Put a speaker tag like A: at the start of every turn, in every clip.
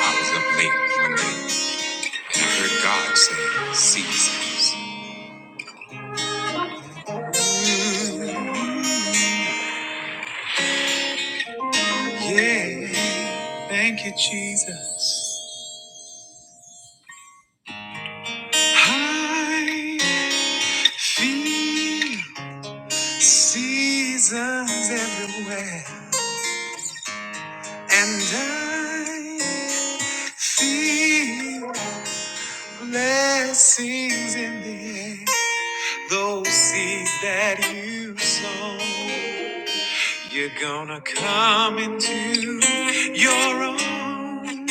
A: I was up late one night and I heard God say, Seasons. Ooh, Yeah, thank you, Jesus. I feel seasons everywhere, and I feel blessings in the air. Those seeds that you sow. You're gonna come into your own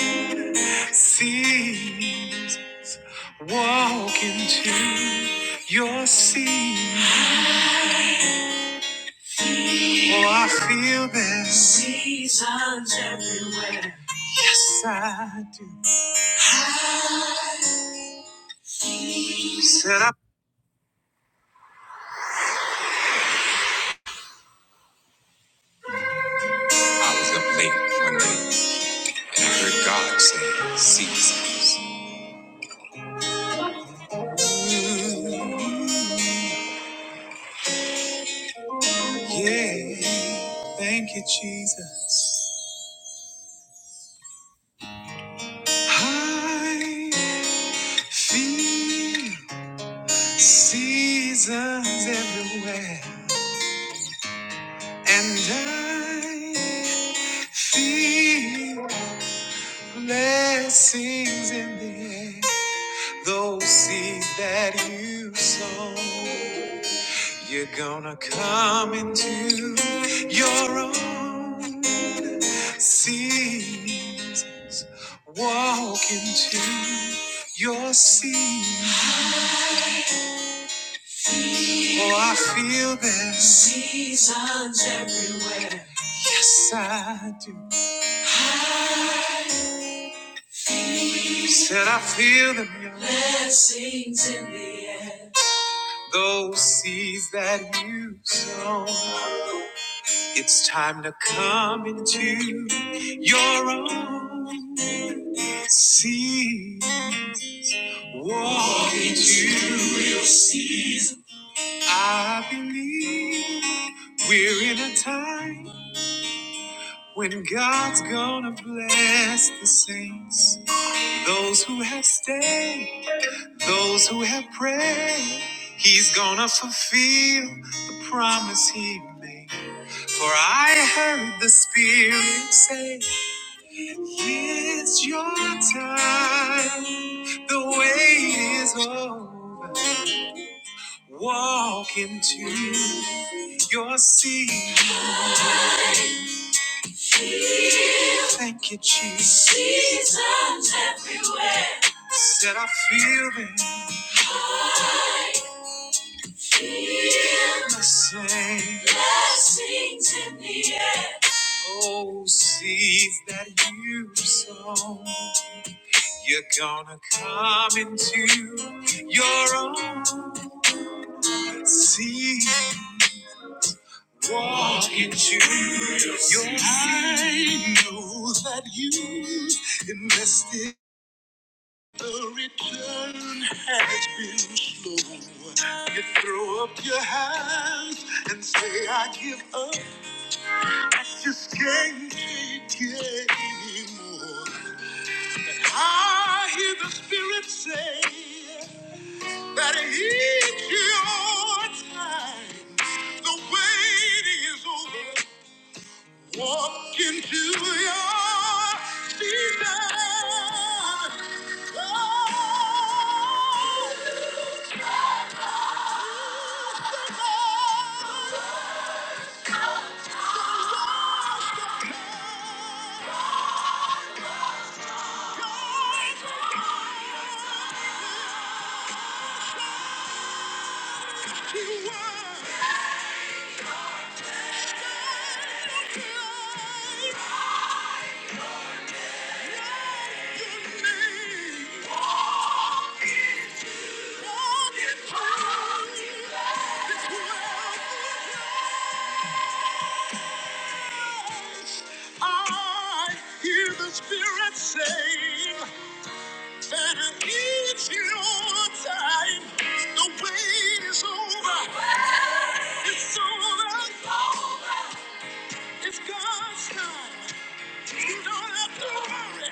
A: seasons. walk into your season. Oh, I feel this. Seasons everywhere. Yes, I do. Said I, I was up late one night and I heard God say, Seasons. Yeah, thank you, Jesus. I Feel seasons everywhere, and I feel blessings in the air. Those seeds that you sow, you're gonna come into your own seasons. Walk into your season. Oh, I feel this. Seasons everywhere. Yes, I do. I feel. Said I feel them. yeah. Blessings in the air. Those seeds that you sow. It's time to come into your own seeds. Walk into your seeds. I believe we're in a time when God's gonna bless the saints. Those who have stayed, those who have prayed, He's gonna fulfill the promise He made. For I heard the Spirit say, It's your time, the wait is over. Walk into your seat. Thank you, Jesus. Seasons everywhere. Said I feel it. I feel the same. Blessings in the air. Oh, seeds that you sow, you're gonna come into your own seed. Walk into your I know that you invested. Throw up your hand and say, I give up. Just can't get anymore. I hear the Spirit say that it's your time. The waiting is over. Walk into your season. Oh, I hear the Spirit saying that it's your time. The wait is over. It's over. It's God's time. You don't have to worry.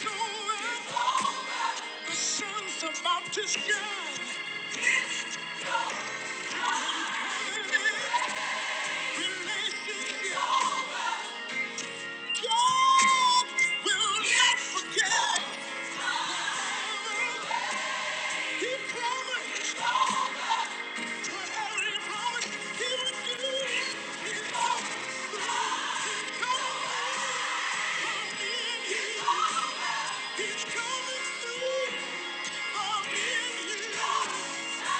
A: The wait is over. The sun's about to shine. Relationships He He He will not forget. He promised. Whatever he promised. he would do. it. He's He's coming. He's coming. He's coming through.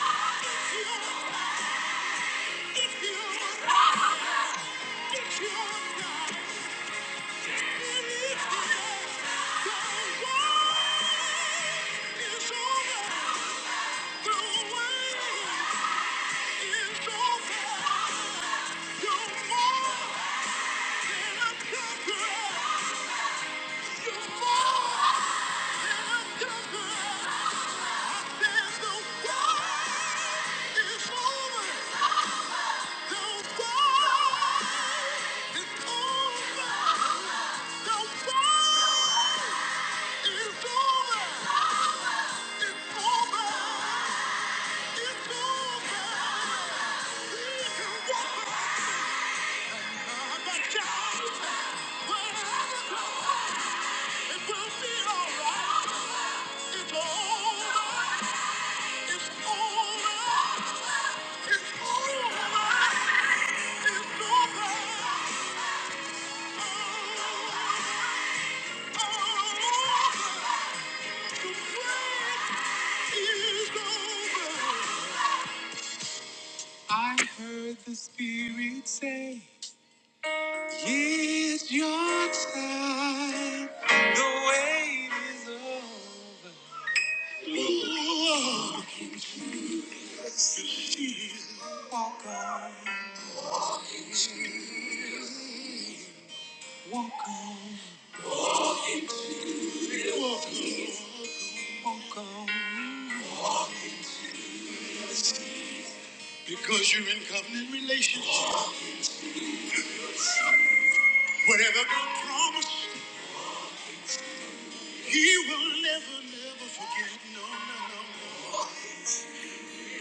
A: I'm in here. If you. It's alright. It's over! It's over. I heard the Spirit say, It's your time. The wait is over. Walk on, walk on, walk on. Because you're in covenant relationship. Whatever God promised, He will never, never forget. No, no, no, no.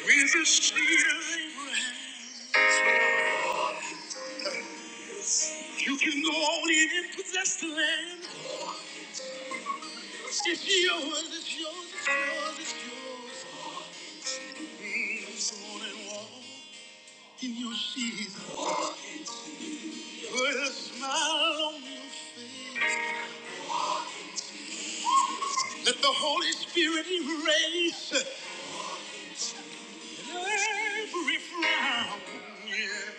A: With the seed of Abraham, you can go on in and possess the land. It's yours, it's yours, it's yours, it's yours. Mm, Come walk in your season. Put a smile on your face. Let the Holy Spirit erase every frown. Yeah.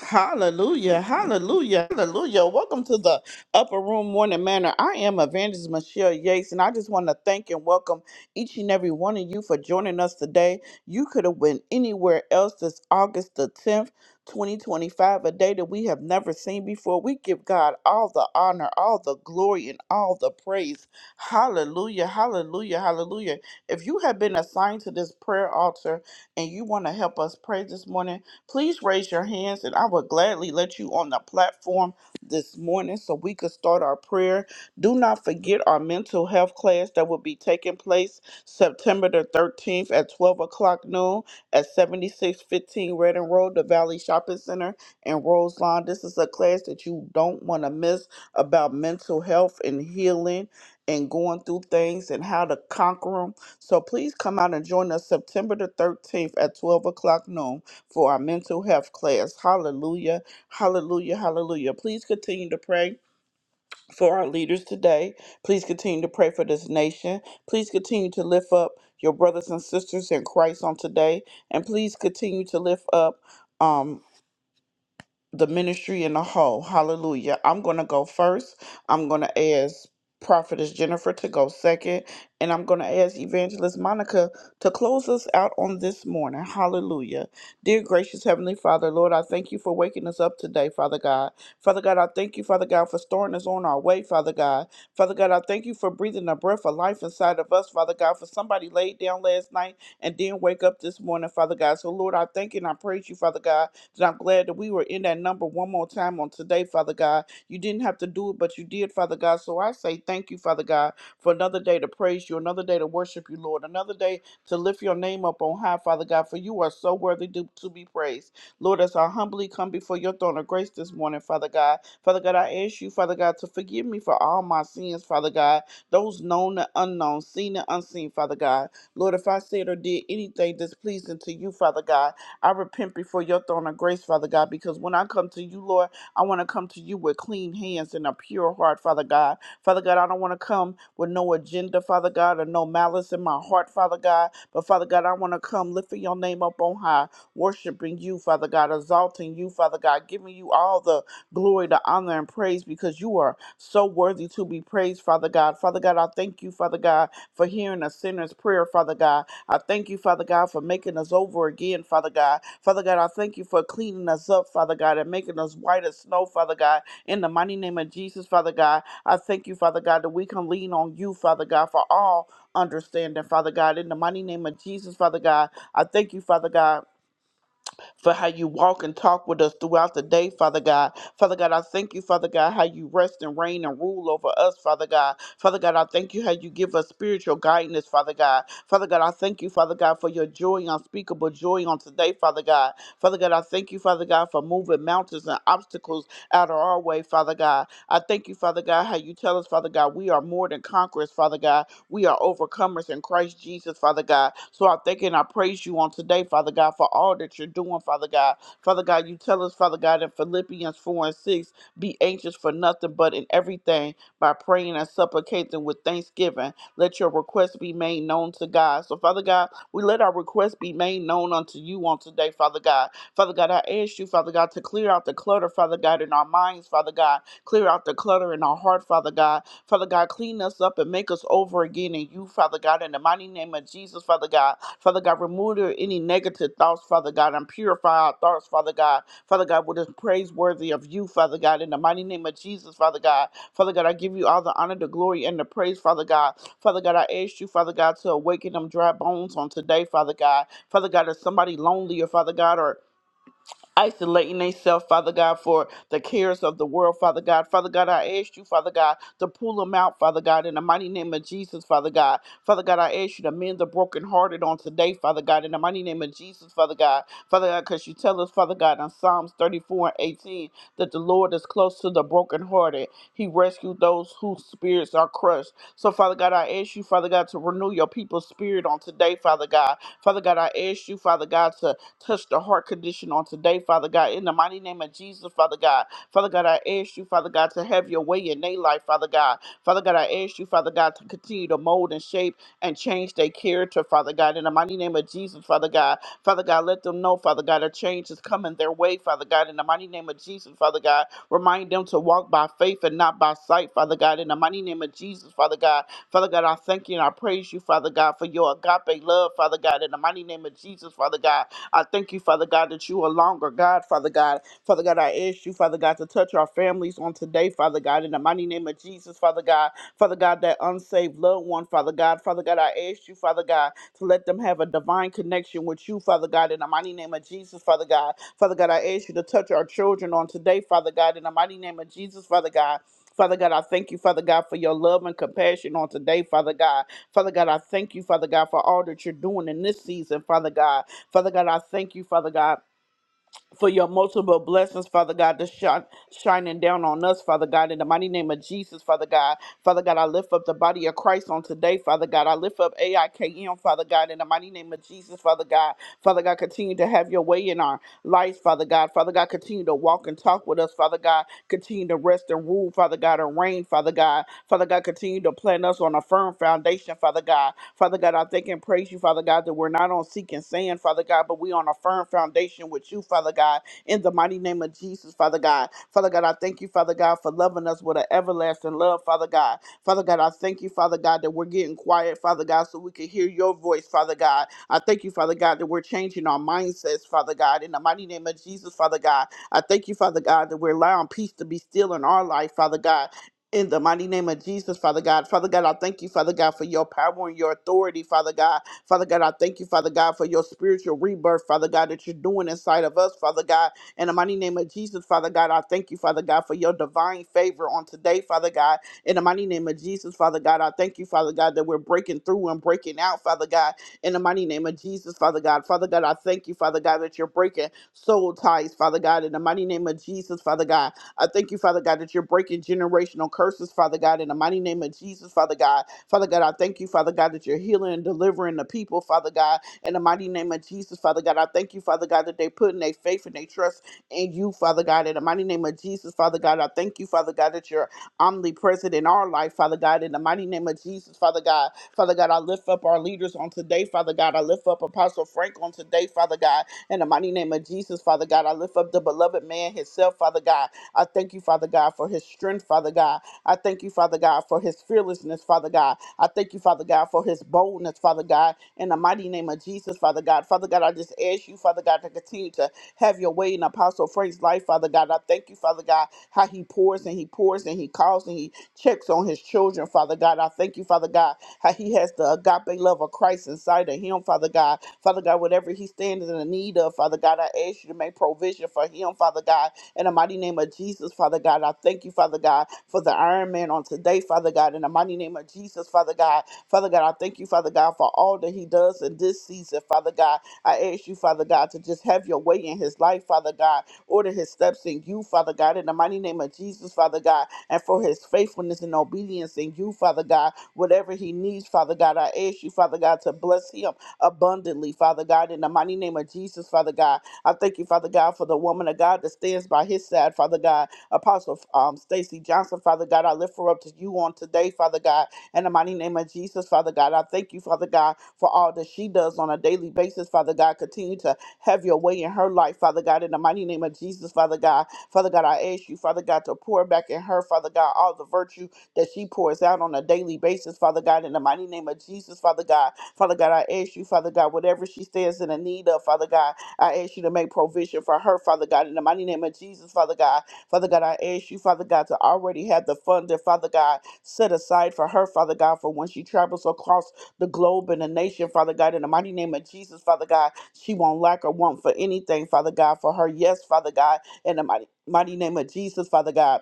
A: Hallelujah, hallelujah, hallelujah. Welcome to the Upper Room Morning Manor. I am Evangelist Michelle Yates, and I just want to thank and welcome each and every one of you for joining us today. You could have went anywhere else this August the 10th, 2025, a day that we have never seen before. We give God all the honor, all the glory, and all the praise. Hallelujah, hallelujah, hallelujah. If you have been assigned to this prayer altar and you want to help us pray this morning, Please raise your hands and I will gladly let you on the platform this morning so we could start our prayer. Do not forget our mental health class that will be taking place September the 13th at 12 o'clock noon at 7615 Redding Road, the Valley Shopping Center in Roselawn. This is a class that you don't want to miss about mental health and healing and going through things and how to conquer them. So please come out and join us September the 13th at 12 o'clock noon for our mental health class. Hallelujah. Hallelujah. Hallelujah. Please continue to pray for our leaders today. Please continue to pray for this nation. Please continue to lift up your brothers and sisters in Christ on today. And please continue to lift up. um the ministry in a whole. Hallelujah. I'm going to go first. I'm going to ask Prophetess Jennifer to go second. And I'm going to ask Evangelist Monica to close us out on this morning. Hallelujah. Dear gracious Heavenly Father, Lord, I thank you for waking us up today, Father God. Father God, I thank you, Father God, for storing us on our way, Father God. Father God, I thank you for breathing a breath of life inside of us, Father God, for somebody laid down last night and didn't wake up this morning, Father God. So, Lord, I thank you and I praise you, Father God, so I'm glad that we were in that number one more time on today, Father God. You didn't have to do it, but you did, Father God. So I say thank you, Father God, for another day to praise you, another day to worship you, Lord, another day to lift your name up on high, Father God, for you are so worthy to, to be praised. Lord, as I humbly come before your throne of grace this morning, Father God, Father God, I ask you, Father God, to forgive me for all my sins, Father God, those known and unknown, seen and unseen, Father God. Lord, if I said or did anything displeasing to you, Father God, I repent before your throne of grace, Father God, because when I come to you, Lord, I want to come to you with clean hands and a pure heart, Father God. Father God, I don't want to come with no agenda, Father God, or no malice in my heart, Father God. But Father God, I want to come lifting your name up on high, worshiping you, Father God, exalting you, Father God, giving you all the glory, the honor, and praise because you are so worthy to be praised, Father God. Father God, I thank you, Father God, for hearing a sinner's prayer, Father God. I thank you, Father God, for making us over again, Father God. Father God, I thank you for cleaning us up, Father God, and making us white as snow, Father God. In the mighty name of Jesus, Father God, I thank you, Father God, that we can lean on you, Father God, for all understanding, Father God. In the mighty name of Jesus, Father God, I thank you, Father God for how you walk and talk with us throughout the day, Father God. Father God, I thank you, Father God, how you rest and reign and rule over us, Father God. Father God, I thank you how you give us spiritual guidance, Father God. Father God, I thank you, Father God, for your joy, unspeakable joy on today, Father God. Father God, I thank you, Father God, for moving mountains and obstacles out of our way, Father God. I thank you, Father God, how you tell us, Father God, we are more than conquerors, Father God. We are overcomers in Christ Jesus, Father God. So I thank and I praise you on today, Father God, for all that you're doing, Father God. Father God, you tell us, Father God, in Philippians 4 and 6, be anxious for nothing but in everything by praying and supplicating with thanksgiving. Let your requests be made known to God. So, Father God, we let our requests be made known unto you on today, Father God. Father God, I ask you, Father God, to clear out the clutter, Father God, in our minds, Father God. Clear out the clutter in our heart, Father God Father God, clean us up and make us over again in you, Father God, in the mighty name of Jesus, Father God. Father God, remove there any negative thoughts, Father God, and purify our thoughts, Father God. Father God, what is praiseworthy of you, Father God, in the mighty name of Jesus, Father God. Father God, I give you all the honor, the glory, and the praise, Father God. Father God, I ask you, Father God, to awaken them dry bones on today, Father God. Father God, is somebody lonely or Father God, or isolating themselves, Father God, for the cares of the world, Father God. Father God, I ask you, Father God, to pull them out, Father God, in the mighty name of Jesus, Father God. Father God, I ask you to mend the brokenhearted on today, Father God, in the mighty name of Jesus, Father God. Father God, because you tell us, Father God, in Psalms 34 and 18, that the Lord is close to the brokenhearted. He rescued those whose spirits are crushed. So, Father God, I ask you, Father God, to renew your people's spirit on today, Father God. Father God, I ask you, Father God, to Touch the heart condition on today, Father God. In the mighty name of Jesus, Father God. Father God, I ask you, Father God, to have your way in their life, Father God. Father God, I ask you, Father God, to continue to mold and shape and change their character, Father God. In the mighty name of Jesus, Father God. Father God, let them know, Father God, a change is coming their way, Father God. In the mighty name of Jesus, Father God. Remind them to walk by faith and not by sight, Father God. In the mighty name of Jesus, Father God. Father God, I thank you and I praise you, Father God, for your agape love, Father God, in the mighty name of Jesus, Father God. I thank you, Father God, that you are longer, God, Father God. Father God, I ask you, Father God, to touch our families on today, Father God, in the mighty name of Jesus, Father God. Father God, that unsaved loved one, Father God. Father God, I ask you, Father God, to let them have a divine connection with you, Father God, in the mighty name of Jesus, Father God. Father God, I ask you to touch our children on today, Father God, in the mighty name of Jesus, Father God. Father God, I thank you, Father God, for your love and compassion on today, Father God. Father God, I thank you, Father God, for all that you're doing in this season, Father God. Father God, I thank you, Father God for your multiple blessings, Father God, that's shine, shining down on us, Father God, in the mighty name of Jesus, Father God. Father God, I lift up the body of Christ on today, Father God. I lift up AIKM, Father God, in the mighty name of Jesus, Father God. Father God, continue to have your way in our lives, Father God. Father God, continue to walk and talk with us, Father God. Continue to rest and rule, Father God, and reign, Father God. Father God, continue to plant us on a firm foundation, Father God. Father God, I thank and praise you, Father God, that we're not on seeking sand, Father God, but we on a firm foundation with you, Father God, in the mighty name of Jesus, Father God. Father God, I thank you, Father God, for loving us with an everlasting love, Father God. Father God, I thank you, Father God, that we're getting quiet, Father God, so we can hear your voice, Father God. I thank you, Father God, that we're changing our mindsets, Father God, in the mighty name of Jesus, Father God. I thank you, Father God, that we're allowing peace to be still in our life, Father God, in the mighty name of Jesus, Father God. Father God, I thank you, Father God, for your power and your authority, Father God. Father God, I thank you, Father God, for your spiritual rebirth, Father God, that you're doing inside of us, Father God. In the mighty name of Jesus, Father God, I thank you, Father God, for your divine favor on today, Father God. In the mighty name of Jesus, Father God, I thank you, Father God, that we're breaking through and breaking out, Father God. In the mighty name of Jesus, Father God. Father God, I thank you, Father God, that you're breaking soul ties, Father God. In the mighty name of Jesus, Father God. I thank you, Father God, that you're breaking generational curses, Father God, in the mighty name of Jesus, Father God. Father God, I thank you, Father God, that you're healing and delivering the people, Father God, in the mighty name of Jesus, Father God. I thank you, Father God, that they put in their faith and they trust in you, Father God, in the mighty name of Jesus, Father God. I thank you, Father God, that you're omnipresent in our life, Father God, in the mighty name of Jesus, Father God. Father God, I lift up our leaders on today, Father God. I lift up Apostle Frank on today, Father God, in the mighty name of Jesus, Father God. I lift up the beloved man himself, Father God. I thank you, Father God, for his strength, Father God. I thank you, Father God, for his fearlessness, Father God. I thank you, Father God, for his boldness, Father God, in the mighty name of Jesus, Father God. Father God, I just ask you, Father God, to continue to have your way in Apostle Frank's life, Father God. I thank you, Father God, how he pours and he pours and he calls and he checks on his children, Father God. I thank you, Father God, how he has the agape love of Christ inside of him, Father God. Father God, whatever he stands in the need of, Father God, I ask you to make provision for him, Father God in the mighty name of Jesus, Father God, I thank you, Father God, for the Iron Man on today, Father God. In the mighty name of Jesus, Father God, Father God, I thank you, Father God, for all that he does in this season, Father God. I ask you, Father God, to just have your way in his life, Father God. Order his steps in you, Father God. In the mighty name of Jesus, Father God, and for his faithfulness and obedience in you, Father God. Whatever he needs, Father God, I ask you, Father God, to bless him abundantly, Father God. In the mighty name of Jesus, Father God. I thank you, Father God, for the woman of God that stands by his side, Father God. Apostle um, Stacy Johnson, Father God, I lift her up to you on today, Father God. In the mighty name of Jesus, Father God, I thank you, Father God, for all that she does on a daily basis, Father God. Continue to have your way in her life, Father God. In the mighty name of Jesus, Father God. Father God, I ask you, Father God, to pour back in her, Father God, all the virtue that she pours out on a daily basis, Father God. In the mighty name of Jesus, Father God. Father God, I ask you, Father God, whatever she stands in the need of, Father God. I ask you to make provision for her, Father God, in the mighty name of Jesus, Father God. Father God, I ask you, Father God, to already have the fund that, Father God, set aside for her, Father God, for when she travels across the globe and the nation, Father God, in the mighty name of Jesus, Father God, she won't lack or want for anything, Father God, for her. Yes, Father God, in the mighty, mighty name of Jesus, Father God.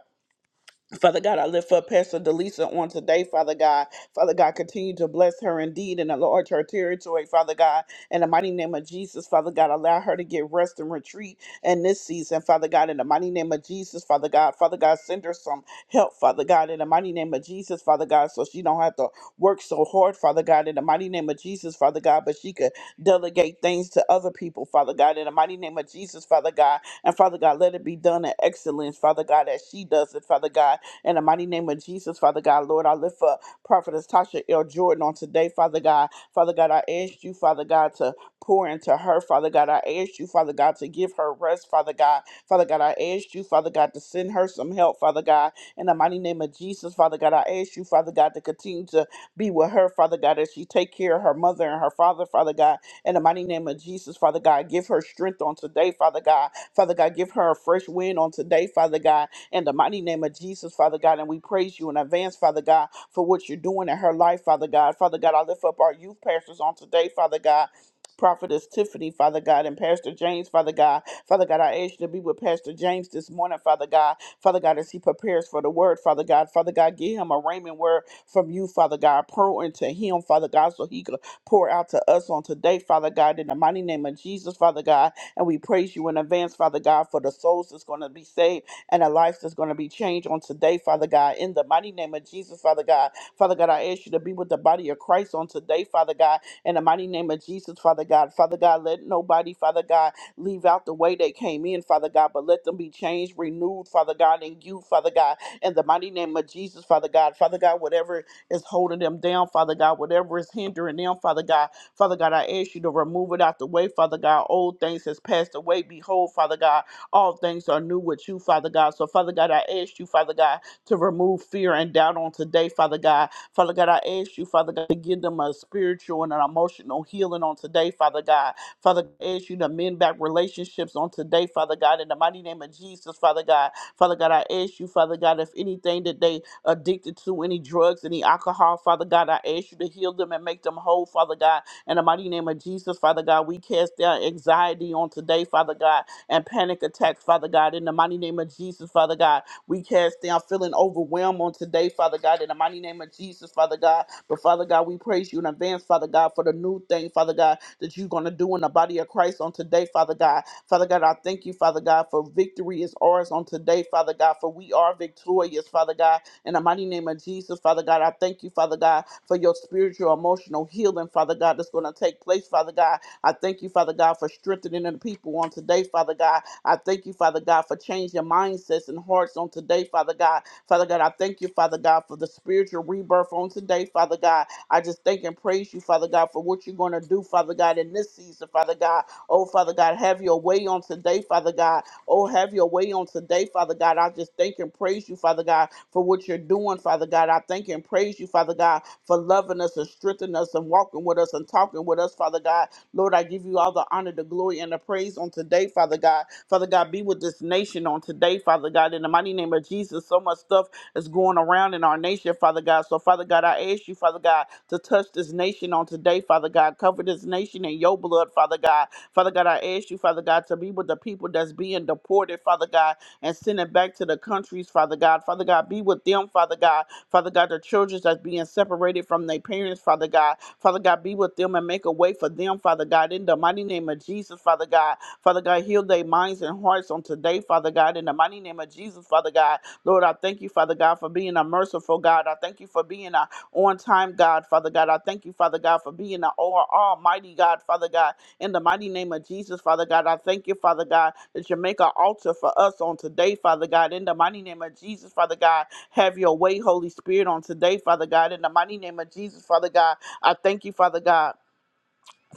A: Father God, I lift up Pastor Delisa on today, Father God. Father God, continue to bless her indeed and enlarge her territory, Father God. In the mighty name of Jesus, Father God, allow her to get rest and retreat in this season, Father God. In the mighty name of Jesus, Father God. Father God, send her some help, Father God. In the mighty name of Jesus, Father God, so she don't have to work so hard, Father God. In the mighty name of Jesus, Father God, but she could delegate things to other people, Father God. In the mighty name of Jesus, Father God. And Father God, let it be done in excellence, Father God, as she does it, Father God in the mighty name of Jesus, Father God, Lord, I lift up Prophetess Tasha L. Jordan on today, Father God. Father God, I ask you, Father God, to pour into her, Father God. I ask you, Father God, to give her rest, Father God. Father God, I ask you, Father God, to send her some help, Father God. In the mighty name of Jesus, Father God, I ask you, Father God, to continue to be with her, Father God, as she take care of her mother and her father, Father God. In the mighty name of Jesus, Father God, give her strength on today, Father God. Father God, give her a fresh wind on today, Father God in the mighty name of Jesus, Father God. And we praise you in advance, Father God, for what you're doing in her life, Father God. Father God, I lift up our youth pastors on today, Father God. Prophetess Tiffany, Father God, and Pastor James, Father God. Father God, I ask you to be with Pastor James this morning, Father God. Father God, as he prepares for the word, Father God. Father God, give him a raiment word from you, Father God. Pour into him, Father God, so he could pour out to us on today, Father God, in the mighty name of Jesus, Father God. And we praise you in advance, Father God, for the souls that's going to be saved and a life that's going to be changed on today, Father God. In the mighty name of Jesus, Father God. Father God, I ask you to be with the body of Christ on today, Father God. In the mighty name of Jesus, Father God. Father God, let nobody, Father God, leave out the way they came in, Father God, but let them be changed, renewed, Father God, in you, Father God. In the mighty name of Jesus, Father God. Father God, whatever is holding them down, Father God, whatever is hindering them, Father God. Father God, I ask you to remove it out the way, Father God. Old things has passed away. Behold, Father God. All things are new with you, Father God. So, Father God, I ask you, Father God, to remove fear and doubt on today, Father God. Father God, I ask you, Father God, to give them a spiritual and an emotional healing on today, Father God. Father, God, I ask you to mend back relationships on today, Father God, in the mighty name of Jesus, Father God. Father God, I ask you, Father God, if anything that they addicted to, any drugs, any alcohol, Father God, I ask you to heal them and make them whole, Father God. In the mighty name of Jesus, Father God, we cast down anxiety on today, Father God and panic attacks, Father God. In the mighty name of Jesus, Father God, we cast down feeling overwhelmed on today, Father God. In the mighty name of Jesus, Father God. But Father God, we praise you in advance, Father God, for the new thing, Father God, that you're going to do in the body of Christ on today, Father God. Father God, I thank you, Father God, for victory is ours on today, Father God, for we are victorious, Father God. In the mighty name of Jesus, Father God, I thank you, Father God, for your spiritual, emotional healing, Father God, that's going to take place, Father God I thank you, Father God, for strengthening the people on today, Father God. I thank you, Father God, for changing mindsets and hearts on today, Father God. Father God, I thank you, Father God, for the spiritual rebirth on today, Father God. I just thank and praise you, Father God, for what you're going to do, Father God, in this season, Father God. Oh, Father God, have your way on today, Father God. Oh, have your way on today, Father God. I just thank and praise you, Father God, for what you're doing, Father God. I thank and praise you, Father God, for loving us and strengthening us and walking with us and talking with us, Father God. Lord, I give you all the honor, the glory, and the praise on today, Father God. Father God, be with this nation on today, Father God. In the mighty name of Jesus, so much stuff is going around in our nation, Father God. So, Father God, I ask you, Father God, to touch this nation on today, Father God. Cover this nation in your blood, Father God. Father God, I ask you, Father God, to be with the people that's being deported, Father God and send it back to the countries, Father God. Father God, be with them, Father God. Father God, the children that's being separated from their parents, Father God. Father God, be with them and make a way for them, Father God. In the mighty name of Jesus, Father God. Father God, heal their minds and hearts on today, Father God. In the mighty name of Jesus, Father God. Lord, I thank you, Father God, for being a merciful God. I thank you for being a on time God, Father God. I thank you, Father God, for being an all- almighty God, Father God. In the mighty name of Jesus, Father God, I thank you, Father God, that you make an altar for us on today, Father God. In the mighty name of Jesus, Father God, have your way, Holy Spirit, on today, Father God. In the mighty name of Jesus, Father God, I thank you, Father God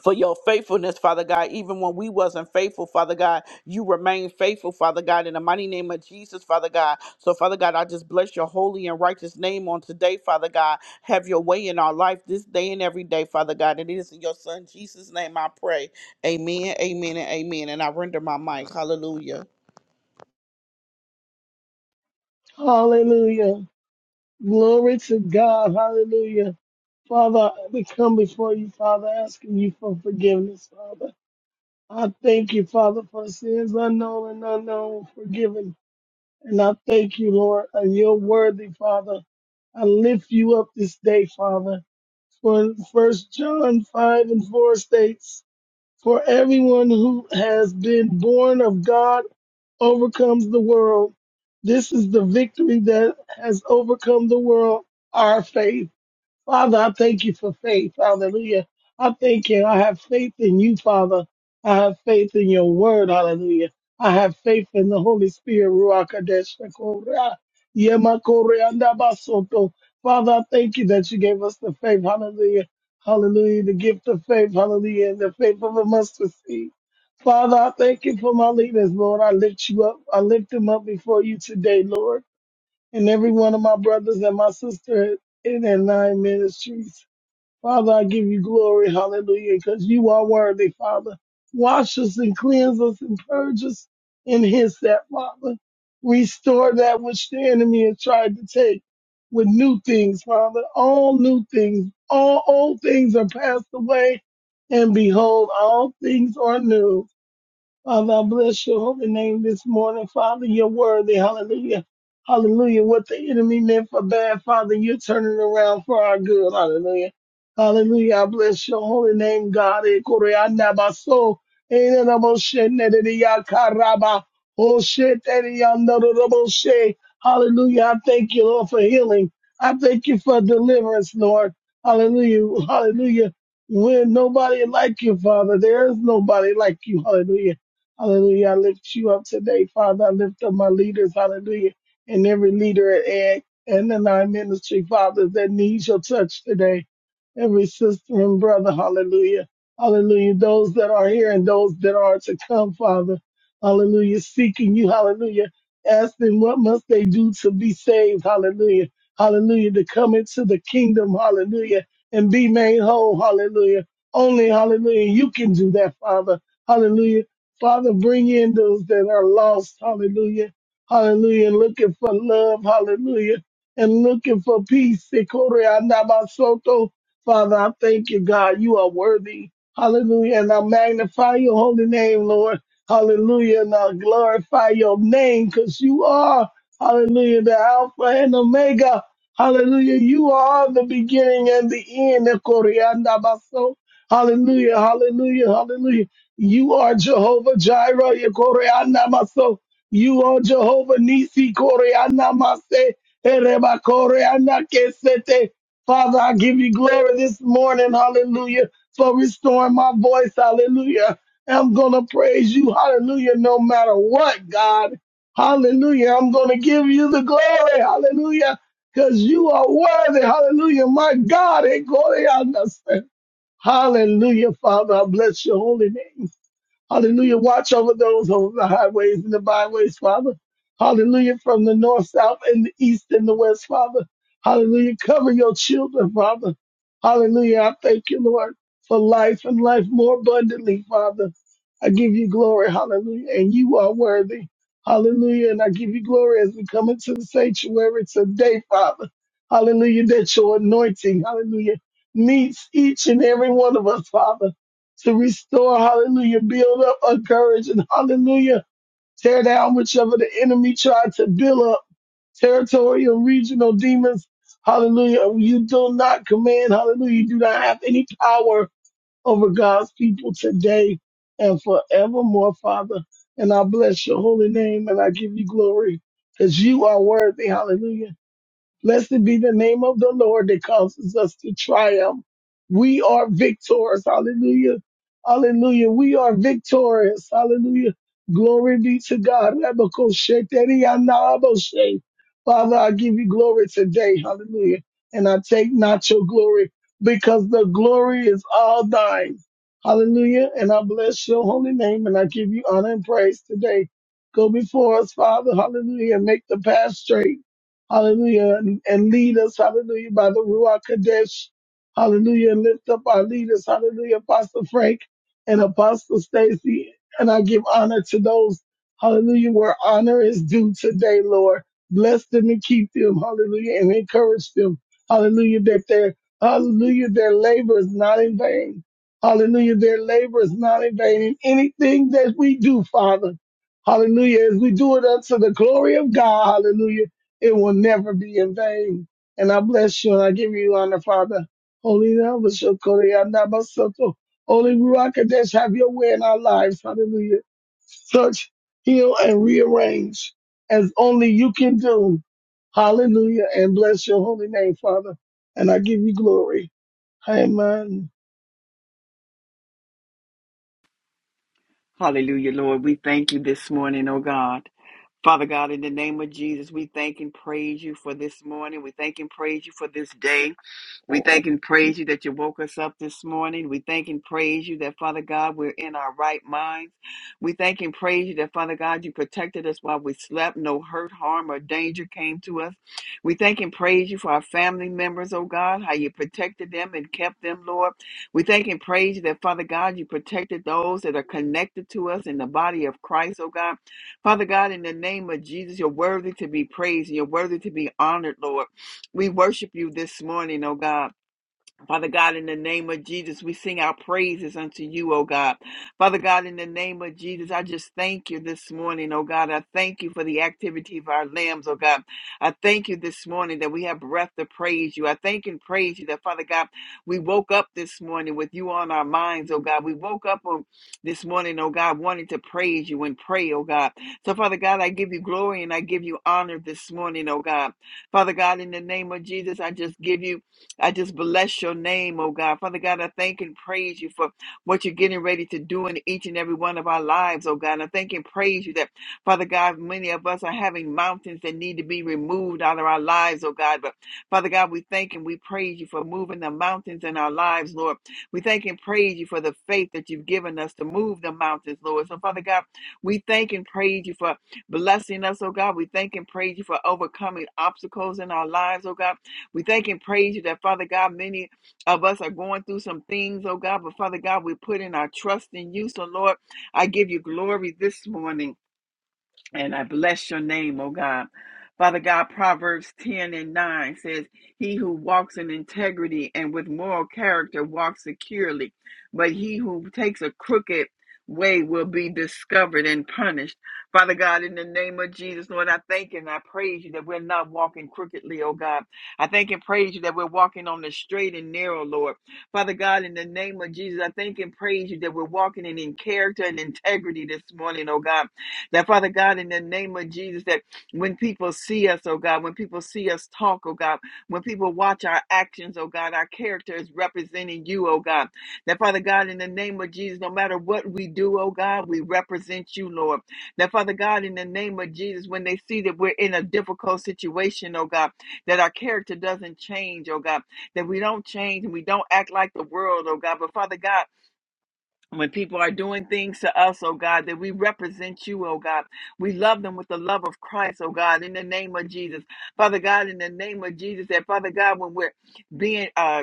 A: for your faithfulness, Father God. Even when we wasn't faithful, Father God, you remain faithful, Father God, in the mighty name of Jesus, Father God. So, Father God, I just bless your holy and righteous name on today, Father God. Have your way in our life this day and every day, Father God. And it is in your son Jesus' name I pray. Amen, amen, and amen. And I render my mic. Hallelujah.
B: Hallelujah. Glory to God. Hallelujah. Father, we come before you, Father, asking you for forgiveness, Father. I thank you, Father, for sins unknown and unknown, forgiven. And I thank you, Lord, and you're worthy, Father. I lift you up this day, Father. For First John 5 and 4 states, for everyone who has been born of God overcomes the world. This is the victory that has overcome the world, our faith. Father, I thank you for faith. Hallelujah. I thank you. I have faith in you, Father. I have faith in your word. Hallelujah. I have faith in the Holy Spirit. Ruach Kodesh Korea. Yema Korea Ndabasoto. Father, I thank you that you gave us the faith. Hallelujah. Hallelujah. The gift of faith. Hallelujah. And the faith of a mustard seed. Father, I thank you for my leaders, Lord. I lift you up. I lift them up before you today, Lord and every one of my brothers and my sister in that nine ministries. Father, I give you glory, hallelujah, because you are worthy, Father. Wash us and cleanse us and purge us in his that, Father. Restore that which the enemy has tried to take with new things, Father. All new things, all old things are passed away, and behold, all things are new. Father, I bless your holy name this morning. Father, you're worthy. Hallelujah. Hallelujah. What the enemy meant for bad, Father, you're turning around for our good. Hallelujah. Hallelujah. I bless your holy name, God. Eh, kore anda baso. Eh, na na mo she, ne de de ya karaba. Oh, shit. Hallelujah. I thank you, Lord, for healing. I thank you for deliverance, Lord. Hallelujah. Hallelujah. When nobody like you, Father, there is nobody like you. Hallelujah. Hallelujah. I lift you up today, Father. I lift up my leaders, hallelujah, and every leader at AG and in our ministry, Father, that needs your touch today. Every sister and brother, hallelujah. Hallelujah. Those that are here and those that are to come, Father. Hallelujah. Seeking you, hallelujah. Asking what must they do to be saved, hallelujah. Hallelujah. To come into the kingdom, hallelujah, and be made whole, hallelujah. Only, hallelujah, you can do that, Father. Hallelujah. Father, bring in those that are lost. Hallelujah. Hallelujah. And looking for love. Hallelujah. And looking for peace. Sikore anabasoto. Father, I thank you, God. You are worthy. Hallelujah. And I magnify your holy name, Lord. Hallelujah. And I glorify your name because you are, hallelujah, the Alpha and Omega. Hallelujah. You are the beginning and the end. Sikore anabaso. Hallelujah. Hallelujah. Hallelujah. You are Jehovah Jireh, Yekoreana Maso. You are Jehovah Nisi, Koreana Mase, Ereba Koreana Kesete. Father, I give you glory this morning, hallelujah, for restoring my voice, hallelujah. I'm going to praise you, hallelujah, no matter what, God. Hallelujah. I'm going to give you the glory, hallelujah, because you are worthy, hallelujah, my God. Ekoreana Mase. Hallelujah, Father. I bless your holy name. Hallelujah. Watch over those over the highways and the byways, Father. Hallelujah. From the north, south, and the east and the west, Father. Hallelujah. Cover your children, Father. Hallelujah. I thank you, Lord, for life and life more abundantly, Father. I give you glory. Hallelujah. And you are worthy. Hallelujah. And I give you glory as we come into the sanctuary today, Father. Hallelujah. That your anointing, hallelujah, meets each and every one of us, Father to restore, hallelujah, build up, encourage, and hallelujah, tear down whichever the enemy tried to build up, territorial, regional demons, hallelujah. You do not command, hallelujah, you do not have any power over God's people today and forevermore, Father. And I bless your holy name and I give you glory because you are worthy, hallelujah. Blessed be the name of the Lord that causes us to triumph. We are victors. Hallelujah. Hallelujah. We are victorious. Hallelujah. Glory be to God. Rabakoshe teriyanaboshe. Father, I give you glory today. Hallelujah. And I take not your glory because the glory is all thine. Hallelujah. And I bless your holy name and I give you honor and praise today. Go before us, Father. Hallelujah. And make the path straight. Hallelujah. And, and lead us, hallelujah, by the Ruach Kadesh. Hallelujah. And lift up our leaders. Hallelujah. Apostle Frank and Apostle Stacy. And I give honor to those, hallelujah, where honor is due today, Lord. Bless them and keep them. Hallelujah. And encourage them. Hallelujah. That their, hallelujah, their labor is not in vain. Hallelujah. Their labor is not in vain. in anything that we do, Father, hallelujah, as we do it unto the glory of God. Hallelujah it will never be in vain. And I bless you and I give you honor, Father. Holy Nova Shokori Anabasoto. Holy Ruakadesh, have your way in our lives. Hallelujah. Search, heal, and rearrange as only you can do. Hallelujah. And bless your holy name, Father. And I give you glory. Amen.
C: Hallelujah, Lord. We thank you this morning, oh God. Father God, in the name of Jesus, we thank and praise you for this morning. We thank and praise you for this day. We thank and praise you that you woke us up this morning. We thank and praise you that, Father God, we're in our right minds. We thank and praise you that, Father God, you protected us while we slept. No hurt, harm, or danger came to us. We thank and praise you for our family members, oh God, how you protected them and kept them, Lord. We thank and praise you that, Father God, you protected those that are connected to us in the body of Christ, oh God. Father God, in the name of Jesus, you're worthy to be praised and you're worthy to be honored, Lord. We worship you this morning, oh God. Father God, in the name of Jesus, we sing our praises unto you, O God. Father God, in the name of Jesus, I just thank you this morning, O God. I thank you for the activity of our limbs, O God. I thank you this morning that we have breath to praise you. I thank and praise you that, Father God, we woke up this morning with you on our minds, O God. We woke up on this morning, O God, wanting to praise you and pray, O God. So, Father God, I give you glory and I give you honor this morning, O God. Father God, in the name of Jesus, I just give you I just bless your name, oh God. Father God, I thank and praise you for what you're getting ready to do in each and every one of our lives, oh God. I thank and praise you that, Father God, many of us are having mountains that need to be removed out of our lives, oh God. But Father God, we thank and we praise you for moving the mountains in our lives, Lord. We thank and praise you for the faith that you've given us to move the mountains, Lord. So, Father God, we thank and praise you for blessing us, oh God. We thank and praise you for overcoming obstacles in our lives, oh God. We thank and praise you that, Father God, many of us are going through some things, oh God, but Father God, we put in our trust in you. So, Lord, I give you glory this morning. And I bless your name, oh God. Father God, Proverbs 10 and 9 says, He who walks in integrity and with moral character walks securely, but he who takes a crooked way will be discovered and punished. Father God, in the name of Jesus, Lord, I thank and I praise you that we're not walking crookedly, oh God. I thank and praise you that we're walking on the straight and narrow, Lord. Father God, in the name of Jesus, I thank and praise you that we're walking in, in character and integrity this morning, oh God. That Father God, in the name of Jesus, that when people see us, oh God, when people see us talk, oh God, when people watch our actions, oh God, our character is representing you, oh God. That Father God, in the name of Jesus, no matter what we do, oh God, we represent you, Lord. That Father God, in the name of Jesus, when they see that we're in a difficult situation, oh God, that our character doesn't change, oh God, that we don't change and we don't act like the world, oh God. But Father God, when people are doing things to us, oh God, that we represent you, oh God. We love them with the love of Christ, oh God, in the name of Jesus. Father God, in the name of Jesus, that Father God, when we're being uh,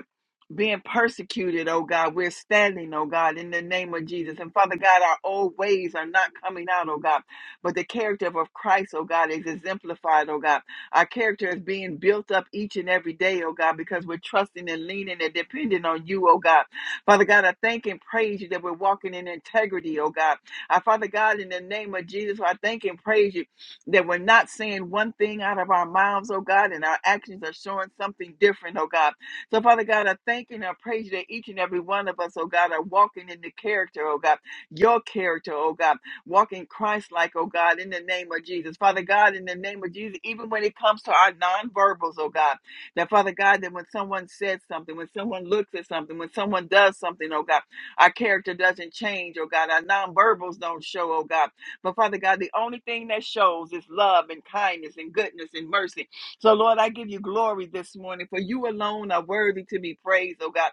C: being persecuted, oh God. We're standing, oh God, in the name of Jesus. And Father God, our old ways are not coming out, oh God. But the character of Christ, oh God, is exemplified, oh God. Our character is being built up each and every day, oh God, because we're trusting and leaning and depending on you, oh God. Father God, I thank and praise you that we're walking in integrity, oh God. I, Father God, in the name of Jesus, I thank and praise you that we're not saying one thing out of our mouths, oh God, and our actions are showing something different, oh God. So, Father God, I thank you and I praise you that each and every one of us, oh God, are walking in the character, oh God, your character, oh God, walking Christ like, oh God, in the name of Jesus. Father God, in the name of Jesus, even when it comes to our nonverbals, oh God, that Father God, that when someone says something, when someone looks at something, when someone does something, oh God, our character doesn't change, oh God, our nonverbals don't show, oh God. But Father God, the only thing that shows is love and kindness and goodness and mercy so, Lord, I give you glory this morning, for you alone are worthy to be praised, oh God.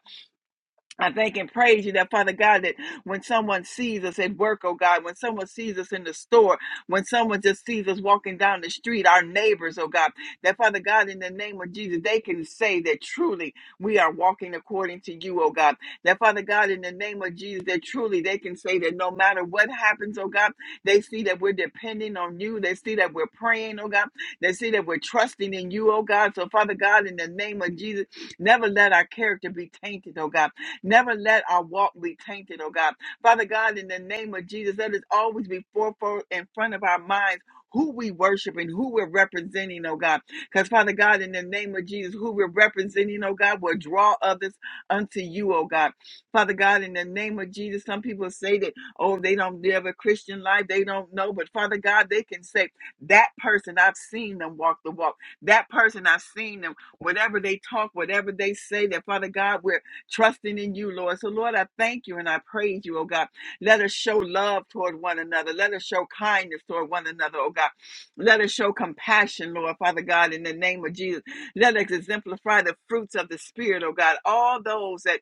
C: I thank and praise you that Father God, that when someone sees us at work, oh God, when someone sees us in the store, when someone just sees us walking down the street, our neighbors, oh God, that Father God, in the name of Jesus, they can say that truly we are walking according to you, oh God. That Father God, in the name of Jesus, that truly they can say that no matter what happens, oh God, they see that we're depending on you. They see that we're praying, oh God. They see that we're trusting in you, oh God. So Father God, in the name of Jesus, never let our character be tainted, oh God. Never let our walk be tainted, oh God. Father God, in the name of Jesus, let us always be forefront in front of our minds who we worship and who we're representing, oh God. Because Father God, in the name of Jesus, who we're representing, oh God, will draw others unto you, oh God. Father God, in the name of Jesus, some people say that, oh, they don't live a Christian life, they don't know. But Father God, they can say, that person, I've seen them walk the walk. That person, I've seen them, whatever they talk, whatever they say, that Father God, we're trusting in you, Lord. So, Lord, I thank you and I praise you, oh God. Let us show love toward one another. Let us show kindness toward one another, oh God. Let us show compassion, Lord, Father God, in the name of Jesus. Let us exemplify the fruits of the Spirit, oh God. All those that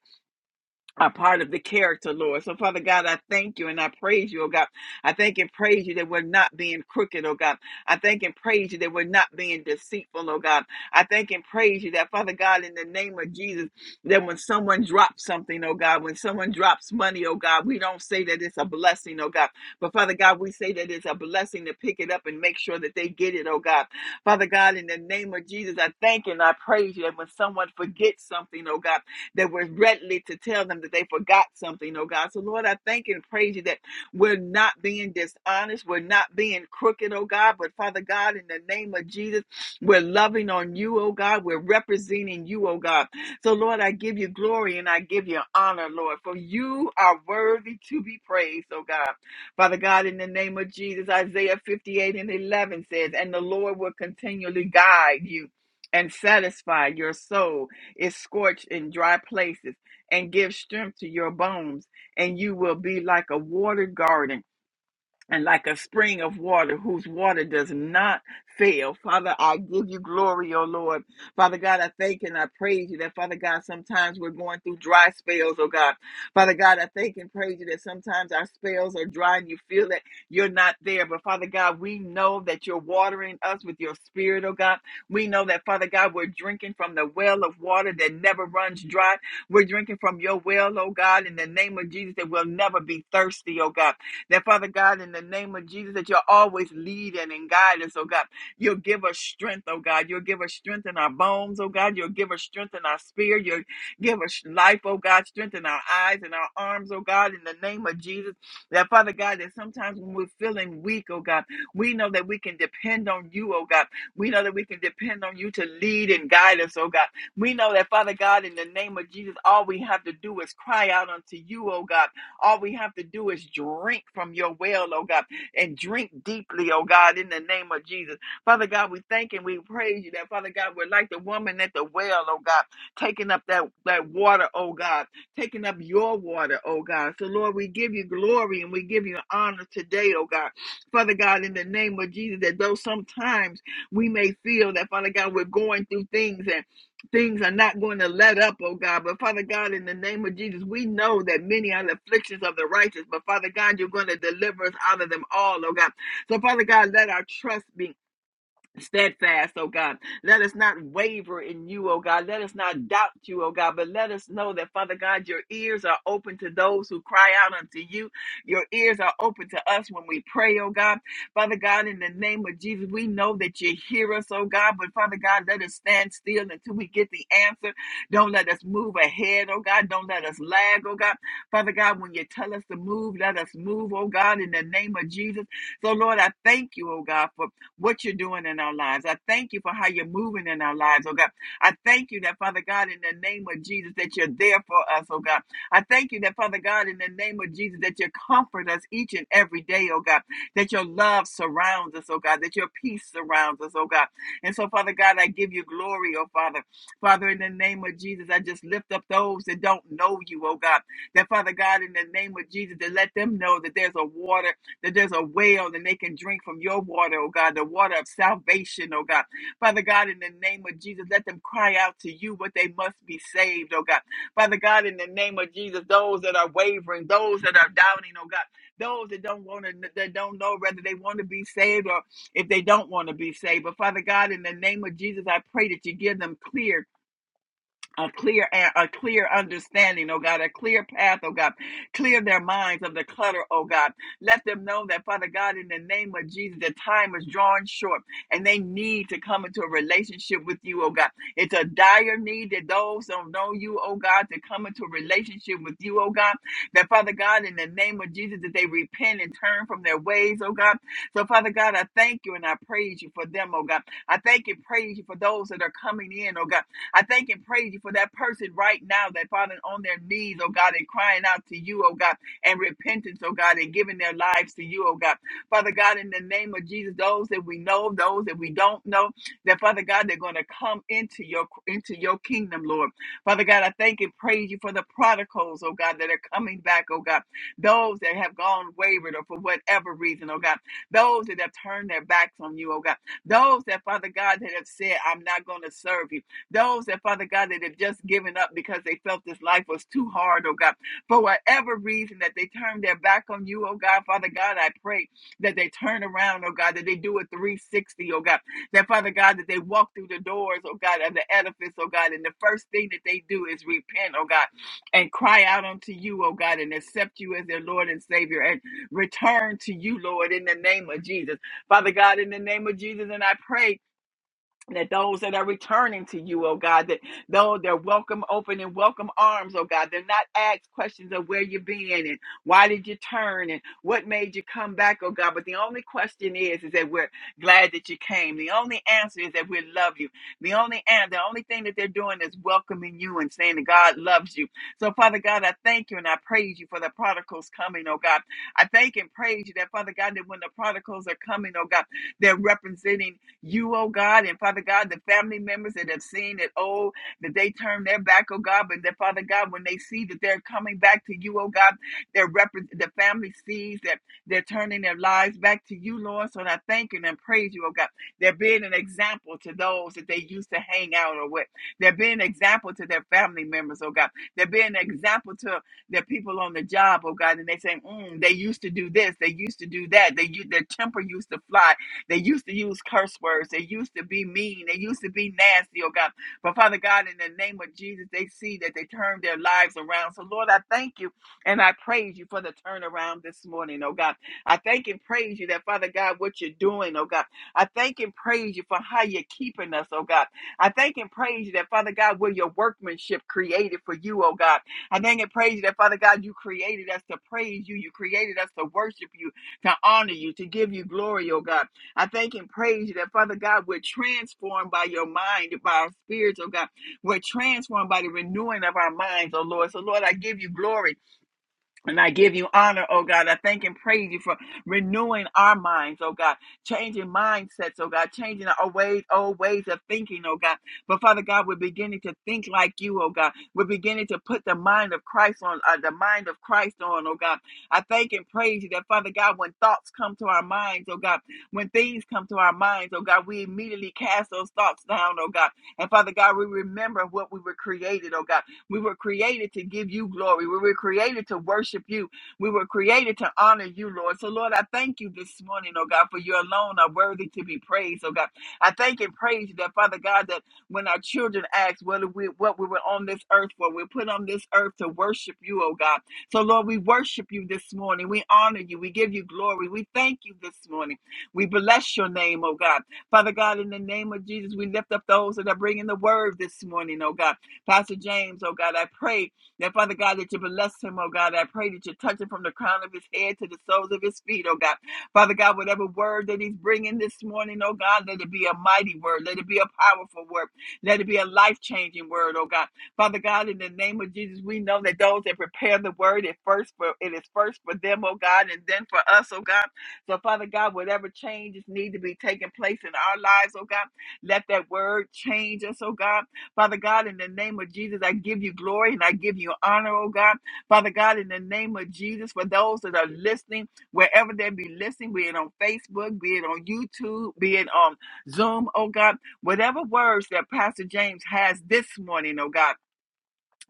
C: are part of the character, Lord. So, Father God, I thank you and I praise you, oh God. I thank and praise you that we're not being crooked, oh God. I thank and praise you that we're not being deceitful, oh God. I thank and praise you that, Father God, in the name of Jesus, that when someone drops something, oh God, when someone drops money, oh God, we don't say that it's a blessing, oh God. But, Father God, we say that it's a blessing to pick it up and make sure that they get it, oh God. Father God, in the name of Jesus, I thank and I praise you that when someone forgets something, oh God, that we're ready to tell them that they forgot something, oh God. So, Lord, I thank and praise you that we're not being dishonest, we're not being crooked, oh God. But, Father God, in the name of Jesus, we're loving on you, oh God. We're representing you, oh God. So, Lord, I give you glory and I give you honor, Lord, for you are worthy to be praised, oh God. Father God, in the name of Jesus, Isaiah 58 and 11 says, And the Lord will continually guide you and satisfy your soul is scorched in dry places, and gives strength to your bones, and you will be like a watered garden and like a spring of water whose water does not fail. Father, I give you glory, oh Lord. Father God, I thank and I praise you that, Father God, sometimes we're going through dry spells, oh God. Father God, I thank and praise you that sometimes our spells are dry and you feel that you're not there. But Father God, we know that you're watering us with your spirit, oh God. We know that, Father God, we're drinking from the well of water that never runs dry. We're drinking from your well, oh God, in the name of Jesus, that we'll never be thirsty, oh God. That Father God, in the name of Jesus, that you're always leading and guiding us, oh God. You'll give us strength, oh God. You'll give us strength in our bones, oh God. You'll give us strength in our spirit. You'll give us life, oh God. Strength in our eyes and our arms, oh God, in the name of Jesus. That Father God, that sometimes when we're feeling weak, oh God, we know that we can depend on you, oh God. We know that we can depend on you to lead and guide us, oh God. We know that, Father God, in the name of Jesus, all we have to do is cry out unto you, oh God. All we have to do is drink from your well, oh God, and drink deeply, oh God, in the name of Jesus. Father God, we thank and we praise you that, Father God, we're like the woman at the well, oh God, taking up that, that water, oh God, taking up your water, oh God. So, Lord, we give you glory and we give you honor today, oh God. Father God, in the name of Jesus, that though sometimes we may feel that, Father God, we're going through things and things are not going to let up, oh God. But Father God, in the name of Jesus, we know that many are the afflictions of the righteous, but Father God, you're going to deliver us out of them all, oh God. So Father God, let our trust be steadfast, oh God. Let us not waver in you, oh God. Let us not doubt you, oh God, but let us know that, Father God, your ears are open to those who cry out unto you. Your ears are open to us when we pray, oh God. Father God, in the name of Jesus, we know that you hear us, oh God, but Father God, let us stand still until we get the answer. Don't let us move ahead, oh God. Don't let us lag, oh God. Father God, when you tell us to move, let us move, oh God, in the name of Jesus. So, Lord, I thank you, oh God, for what you're doing in our lives. I thank you for how you're moving in our lives, oh God. I thank you that, Father God, in the name of Jesus, that you're there for us, oh God. I thank you that, Father God, in the name of Jesus, that you comfort us each and every day, oh God. That your love surrounds us, oh God. That your peace surrounds us, oh God. And so, Father God, I give you glory, oh Father. Father, in the name of Jesus, I just lift up those that don't know you, oh God. That, Father God, in the name of Jesus, that let them know that there's a water that there's a well and they can drink from your water, oh God, the water of salvation, oh God. Father God, in the name of Jesus, let them cry out to you, but they must be saved, oh God. Father God, in the name of Jesus, those that are wavering, those that are doubting, oh God, those that don't want to, that don't know whether they want to be saved or if they don't want to be saved. But Father God, in the name of Jesus, I pray that you give them clear a clear a clear understanding, oh God, a clear path, oh God. Clear their minds of the clutter, oh God. Let them know that, Father God, in the name of Jesus, the time is drawing short and they need to come into a relationship with you, oh God. It's a dire need that those don't know you, oh God, to come into a relationship with you, oh God. That, Father God, in the name of Jesus, that they repent and turn from their ways, oh God. So, Father God, I thank you and I praise you for them, oh God. I thank and praise you for those that are coming in, oh God. I thank and praise you for that person right now that falling on their knees, oh God, and crying out to you, oh God, and repentance, oh God, and giving their lives to you, oh God. Father God, in the name of Jesus, those that we know, those that we don't know, that Father God, they're going to come into your into your kingdom, Lord. Father God, I thank and praise you for the prodigals, oh God, that are coming back, oh God. Those that have gone wayward or for whatever reason, oh God. Those that have turned their backs on you, oh God. Those that, Father God, that have said, I'm not going to serve you. Those that, Father God, that have just given up because they felt this life was too hard, oh God, for whatever reason that they turned their back on you, oh God, Father God, I pray that they turn around, oh God, that they do a 360, oh God, that Father God, that they walk through the doors, oh God, of the edifice, oh God, and the first thing that they do is repent, oh God, and cry out unto you, oh God, and accept you as their Lord and Savior and return to you, Lord, in the name of Jesus. Father God, in the name of Jesus, and I pray that those that are returning to you, oh God, that though they're welcome, open and welcome arms, oh God, they're not asked questions of where you've been and why did you turn and what made you come back, oh God. But the only question is, is that we're glad that you came. The only answer is that we love you. The only and the only thing that they're doing is welcoming you and saying that God loves you. So Father God, I thank you and I praise you for the prodigals coming, oh God. I thank and praise you that Father God, that when the prodigals are coming, oh God, they're representing you, oh God, and Father God, the family members that have seen that, oh, that they turn their back, oh God, but that Father God, when they see that they're coming back to you, oh God, their rep- the family sees that they're turning their lives back to you, Lord. So I thank you and I praise you, oh God. They're being an example to those that they used to hang out or with. They're being an example to their family members, oh God. They're being an example to their people on the job, oh God, and they say, mm, they used to do this, they used to do that, they u- their temper used to fly, they used to use curse words. They used to be mean. They used to be nasty, oh God. But Father God, in the name of Jesus, they see that they turned their lives around. So Lord, I thank you and I praise you for the turnaround this morning, oh God. I thank and praise you that Father God, what you're doing, oh God. I thank and praise you for how you're keeping us, oh God. I thank and praise you that Father God, we're your workmanship created for you, oh God. I thank and praise you that Father God, you created us to praise you. You created us to worship you, to honor you, to give you glory, oh God. I thank and praise you that, Father God, we're transformed by your mind, by our spirits, oh God. We're transformed by the renewing of our minds, oh Lord. So, Lord, I give you glory. And I give you honor, oh God. I thank and praise you for renewing our minds, oh God, changing mindsets, oh God, changing our ways, old ways of thinking, oh God. But Father God, we're beginning to think like you, oh God. We're beginning to put the mind of Christ on, uh, the mind of Christ on, oh God. I thank and praise you that Father God, when thoughts come to our minds, oh God, when things come to our minds, oh God, we immediately cast those thoughts down, oh God. And Father God, we remember what we were created, oh God. We were created to give you glory. We were created to worship you. We were created to honor you, Lord. So, Lord, I thank you this morning, oh God, for you alone are worthy to be praised, oh God. I thank and praise you that, Father God, that when our children ask what we what we were on this earth for, we're put on this earth to worship you, oh God. So, Lord, we worship you this morning. We honor you. We give you glory. We thank you this morning. We bless your name, oh God. Father God, in the name of Jesus, we lift up those that are bringing the word this morning, oh God. Pastor James, oh God, I pray that, Father God, that you bless him, oh God. I pray that you touch him from the crown of his head to the soles of his feet, oh God. Father God, whatever word that he's bringing this morning, oh God, let it be a mighty word. Let it be a powerful word. Let it be a life changing word, oh God. Father God, in the name of Jesus, we know that those that prepare the word, it first for it is first for them, oh God, and then for us, oh God. So, Father God, whatever changes need to be taking place in our lives, oh God, let that word change us, oh God. Father God, in the name of Jesus, I give you glory and I give you honor, oh God. Father God, in the name of Jesus, for those that are listening, wherever they be listening, be it on Facebook, be it on YouTube, be it on Zoom, oh God, whatever words that Pastor James has this morning, oh God.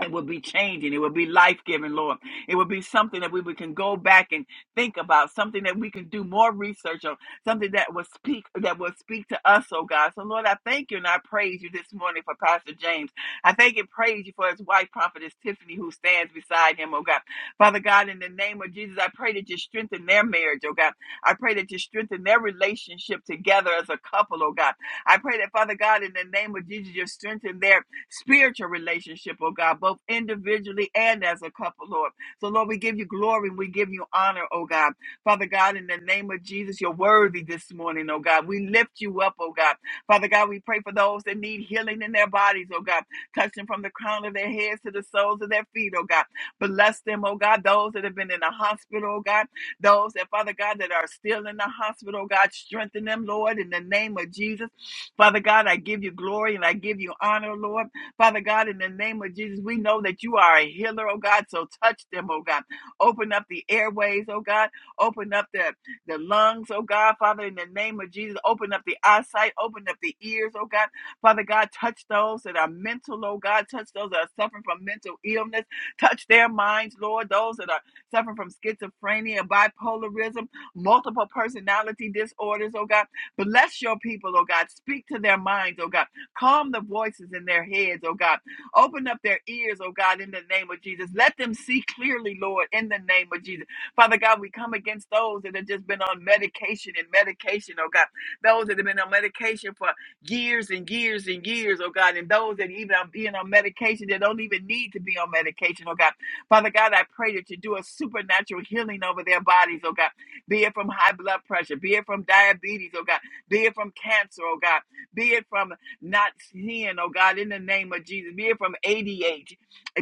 C: It will be changing. It will be life giving, Lord. It will be something that we we can go back and think about, something that we can do more research on, something that will speak that will speak to us, oh God. So Lord, I thank you and I praise you this morning for Pastor James. I thank and praise you for his wife, Prophetess Tiffany, who stands beside him, oh God. Father God, in the name of Jesus, I pray that you strengthen their marriage, oh God. I pray that you strengthen their relationship together as a couple, oh God. I pray that Father God, in the name of Jesus, you strengthen their spiritual relationship, oh God, both individually and as a couple, Lord. So, Lord, we give you glory and we give you honor, oh God. Father God, in the name of Jesus, you're worthy this morning, oh God. We lift you up, oh God. Father God, we pray for those that need healing in their bodies, oh God. Touch them from the crown of their heads to the soles of their feet, oh God. Bless them, oh God. Those that have been in the hospital, oh God. Those that, Father God, that are still in the hospital, oh God, strengthen them, Lord, in the name of Jesus. Father God, I give you glory and I give you honor, Lord. Father God, in the name of Jesus, we know that you are a healer, oh God. So touch them, oh God. Open up the airways, oh God. Open up the, the lungs, oh God. Father, in the name of Jesus, open up the eyesight, open up the ears, oh God. Father God, touch those that are mental, oh God. Touch those that are suffering from mental illness. Touch their minds, Lord. Those that are suffering from schizophrenia, bipolarism, multiple personality disorders, oh God. Bless your people, oh God. Speak to their minds, oh God. Calm the voices in their heads, oh God. Open up their ears, oh God, in the name of Jesus. Let them see clearly, Lord, in the name of Jesus. Father God, we come against those that have just been on medication and medication, oh God. Those that have been on medication for years and years and years, oh God. And those that even are being on medication that don't even need to be on medication, oh God. Father God, I pray that you do a supernatural healing over their bodies, oh God. Be it from high blood pressure, be it from diabetes, oh God. Be it from cancer, oh God. Be it from not seeing, oh God, in the name of Jesus. Be it from ADHD,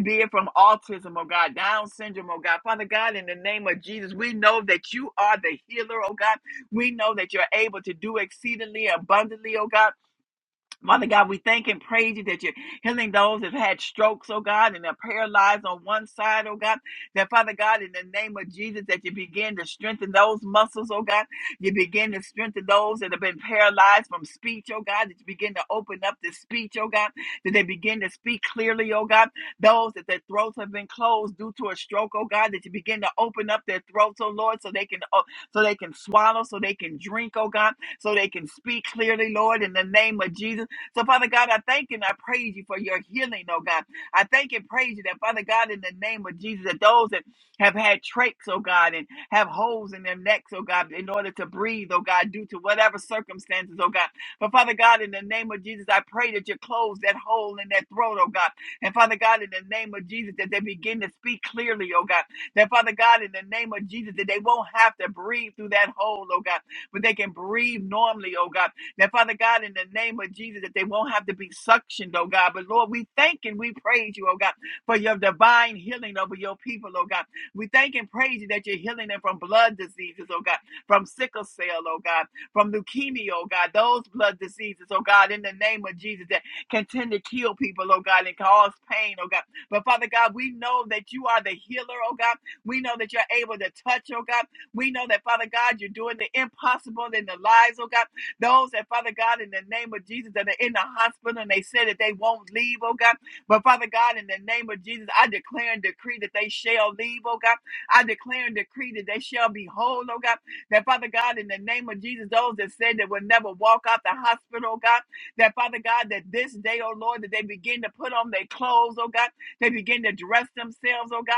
C: be it from autism, oh God, Down syndrome, oh God. Father God, in the name of Jesus, we know that you are the healer, oh God. We know that you're able to do exceedingly abundantly, oh God. Father God, we thank and praise you that you're healing those that have had strokes, oh God, and they're paralyzed on one side, oh God. That Father God, in the name of Jesus, that you begin to strengthen those muscles, oh God. You begin to strengthen those that have been paralyzed from speech, oh God. That you begin to open up the speech, oh God. That they begin to speak clearly, oh God. Those that their throats have been closed due to a stroke, oh God. That you begin to open up their throats, oh Lord, so they can oh, so they can swallow, so they can drink, oh God so they can speak clearly, Lord, in the name of Jesus. So, Father God, I thank and I praise you for your healing, oh God. I thank and praise you that, Father God, in the name of Jesus, that those that have had trachs, oh God, and have holes in their necks, oh God, in order to breathe, oh God, due to whatever circumstances, oh God. But, Father God, in the name of Jesus, I pray that you close that hole in that throat, oh God. And, Father God, in the name of Jesus, that they begin to speak clearly, oh God. That, Father God, in the name of Jesus, that they won't have to breathe through that hole, oh God, but they can breathe normally, oh God. That Father God, in the name of Jesus, that they won't have to be suctioned, oh God. But Lord, we thank and we praise you, oh God, for your divine healing over your people, oh God. We thank and praise you that you're healing them from blood diseases, oh God, from sickle cell, oh God, from leukemia, oh God, those blood diseases, oh God, in the name of Jesus that can tend to kill people, oh God, and cause pain, oh God. But Father God, we know that you are the healer, oh God. We know that you're able to touch, oh God. We know that, Father God, you're doing the impossible in the lives, oh God. Those that, Father God, in the name of Jesus, that are in the hospital and they said that they won't leave, oh God. But Father God, in the name of Jesus, I declare and decree that they shall leave, oh God. I declare and decree that they shall be whole, oh God. That Father God, in the name of Jesus, those that said they will never walk out the hospital, oh God. That Father God, that this day, oh Lord, that they begin to put on their clothes, oh God. They begin to dress themselves, oh God.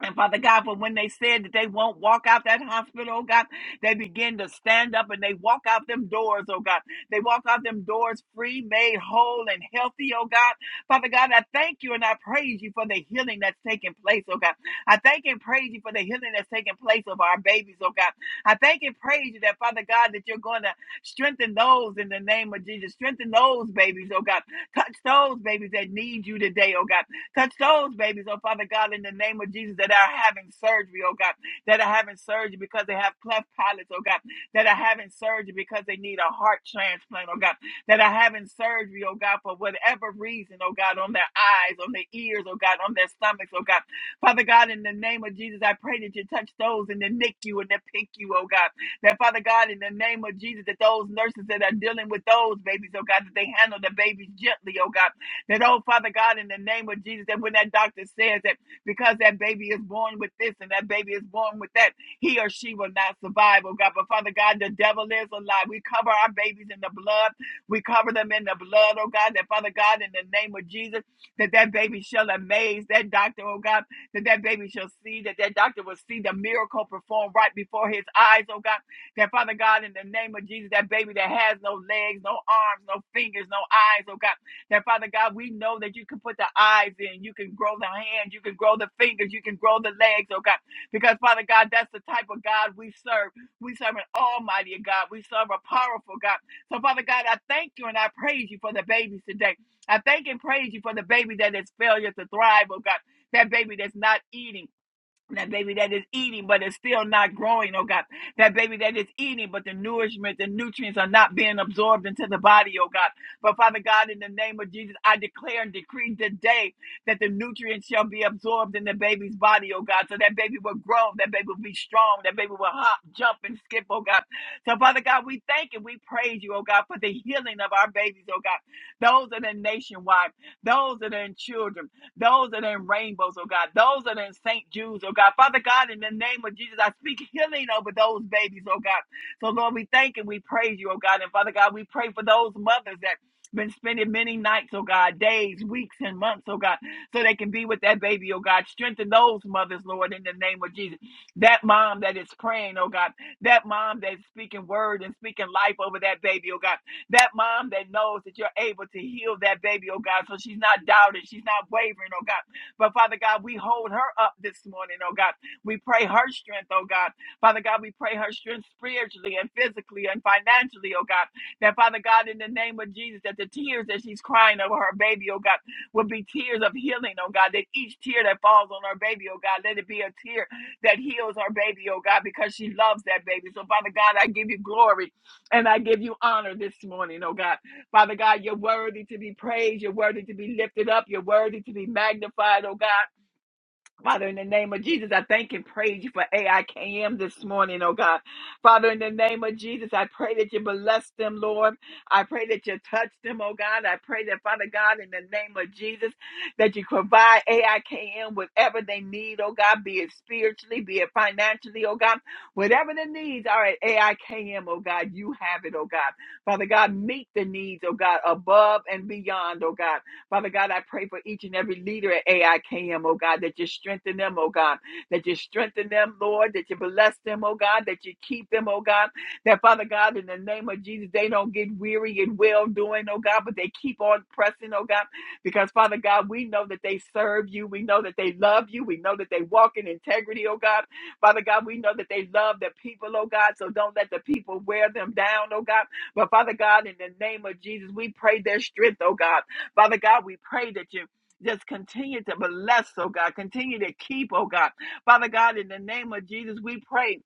C: And Father God, for when they said that they won't walk out that hospital, oh God, they begin to stand up and they walk out them doors, oh God. They walk out them doors free, made whole, and healthy, oh God. Father God, I thank you and I praise you for the healing that's taking place, oh God. I thank and praise you for the healing that's taking place of our babies, oh God. I thank and praise you that, Father God, that you're going to strengthen those in the name of Jesus. Strengthen those babies, oh God. Touch those babies that need you today, oh God. Touch those babies, oh Father God, in the name of Jesus, that are having surgery, oh God, that are having surgery because they have cleft palates, oh God, that are having surgery because they need a heart transplant, oh God, that are having surgery, oh God, for whatever reason, oh God, on their eyes, on their ears, oh God, on their stomachs, oh God. Father God, in the name of Jesus, I pray that you touch those in the NICU and the PICU, oh God. That Father God, in the name of Jesus, that those nurses that are dealing with those babies, oh God, that they handle the babies gently, oh God that, oh, Father God, in the name of Jesus, that when that doctor says that because that baby is born with this and that baby is born with that, he or she will not survive, oh God. But Father God, the devil is a lie. We cover our babies in the blood. We cover them in the blood, oh God. That Father God, in the name of Jesus, that that baby shall amaze that doctor, oh God. That that baby shall see, that that doctor will see the miracle performed right before his eyes, oh God. That Father God, in the name of Jesus, that baby that has no legs, no arms, no fingers, no eyes, oh God. That Father God, we know that you can put the eyes in, you can grow the hands, you can grow the fingers, you can grow the legs, oh God. Because Father God, that's the type of God we serve. We serve an almighty God. We serve a powerful God. So Father God, I thank you and I praise you for the babies today. I thank and praise you for the baby that is failure to thrive, oh God. That baby that's not eating that baby that is eating but it's still not growing oh god that baby that is eating but the nourishment the nutrients are not being absorbed into the body oh god but father god in the name of jesus i declare and decree today that the nutrients shall be absorbed in the baby's body oh god so that baby will grow that baby will be strong that baby will hop jump and skip oh god so father god we thank and we praise you oh god for the healing of our babies oh god those that are nationwide those that are in children those that are in rainbows, oh God, those that are in St. Jude's, oh God. Father God, in the name of Jesus, I speak healing over those babies, oh God. So, Lord, we thank and we praise you, oh God. And Father God, we pray for those mothers that been spending many nights, oh God, days, weeks, and months, oh God, so they can be with that baby, oh God. Strengthen those mothers, Lord, in the name of Jesus. That mom that is praying, oh God, that mom that's speaking word and speaking life over that baby, oh God that mom that knows that you're able to heal that baby, oh God. So she's not doubting, she's not wavering, oh God. But Father God, we hold her up this morning, oh God. We pray her strength, oh God. Father God, we pray her strength spiritually and physically and financially, oh God. That Father God, in the name of Jesus, that the tears that she's crying over her baby, oh God, will be tears of healing, oh God. That each tear that falls on her baby, oh God, let it be a tear that heals her baby, oh God, because she loves that baby. So Father God, I give you glory. And I give you honor this morning, oh God. Father God, you're worthy to be praised. You're worthy to be lifted up. You're worthy to be magnified, oh God. Father, in the name of Jesus, I thank and praise you for AIKM this morning, oh God. Father, in the name of Jesus, I pray that you bless them, Lord. I pray that you touch them, oh God. I pray that, Father God, in the name of Jesus, that you provide AIKM whatever they need, oh God, be it spiritually, be it financially, oh God. Whatever the needs are at AIKM, oh God, you have it, oh God. Father God, meet the needs, oh God, above and beyond, oh God. Father God, I pray for each and every leader at AIKM, oh God, that you strengthen them, oh God, that you strengthen them, Lord, that you bless them, oh God, that you keep them, oh God, that Father God, in the name of Jesus, they don't get weary in well doing, oh God, but they keep on pressing, oh God, because Father God, we know that they serve you, we know that they love you, we know that they walk in integrity, oh God. Father God, we know that they love the people, oh God, so don't let the people wear them down, oh God. But Father God, in the name of Jesus, we pray their strength, oh God. Father God, we pray that you just continue to bless, oh God. Continue to keep, oh God. Father God, in the name of Jesus, we pray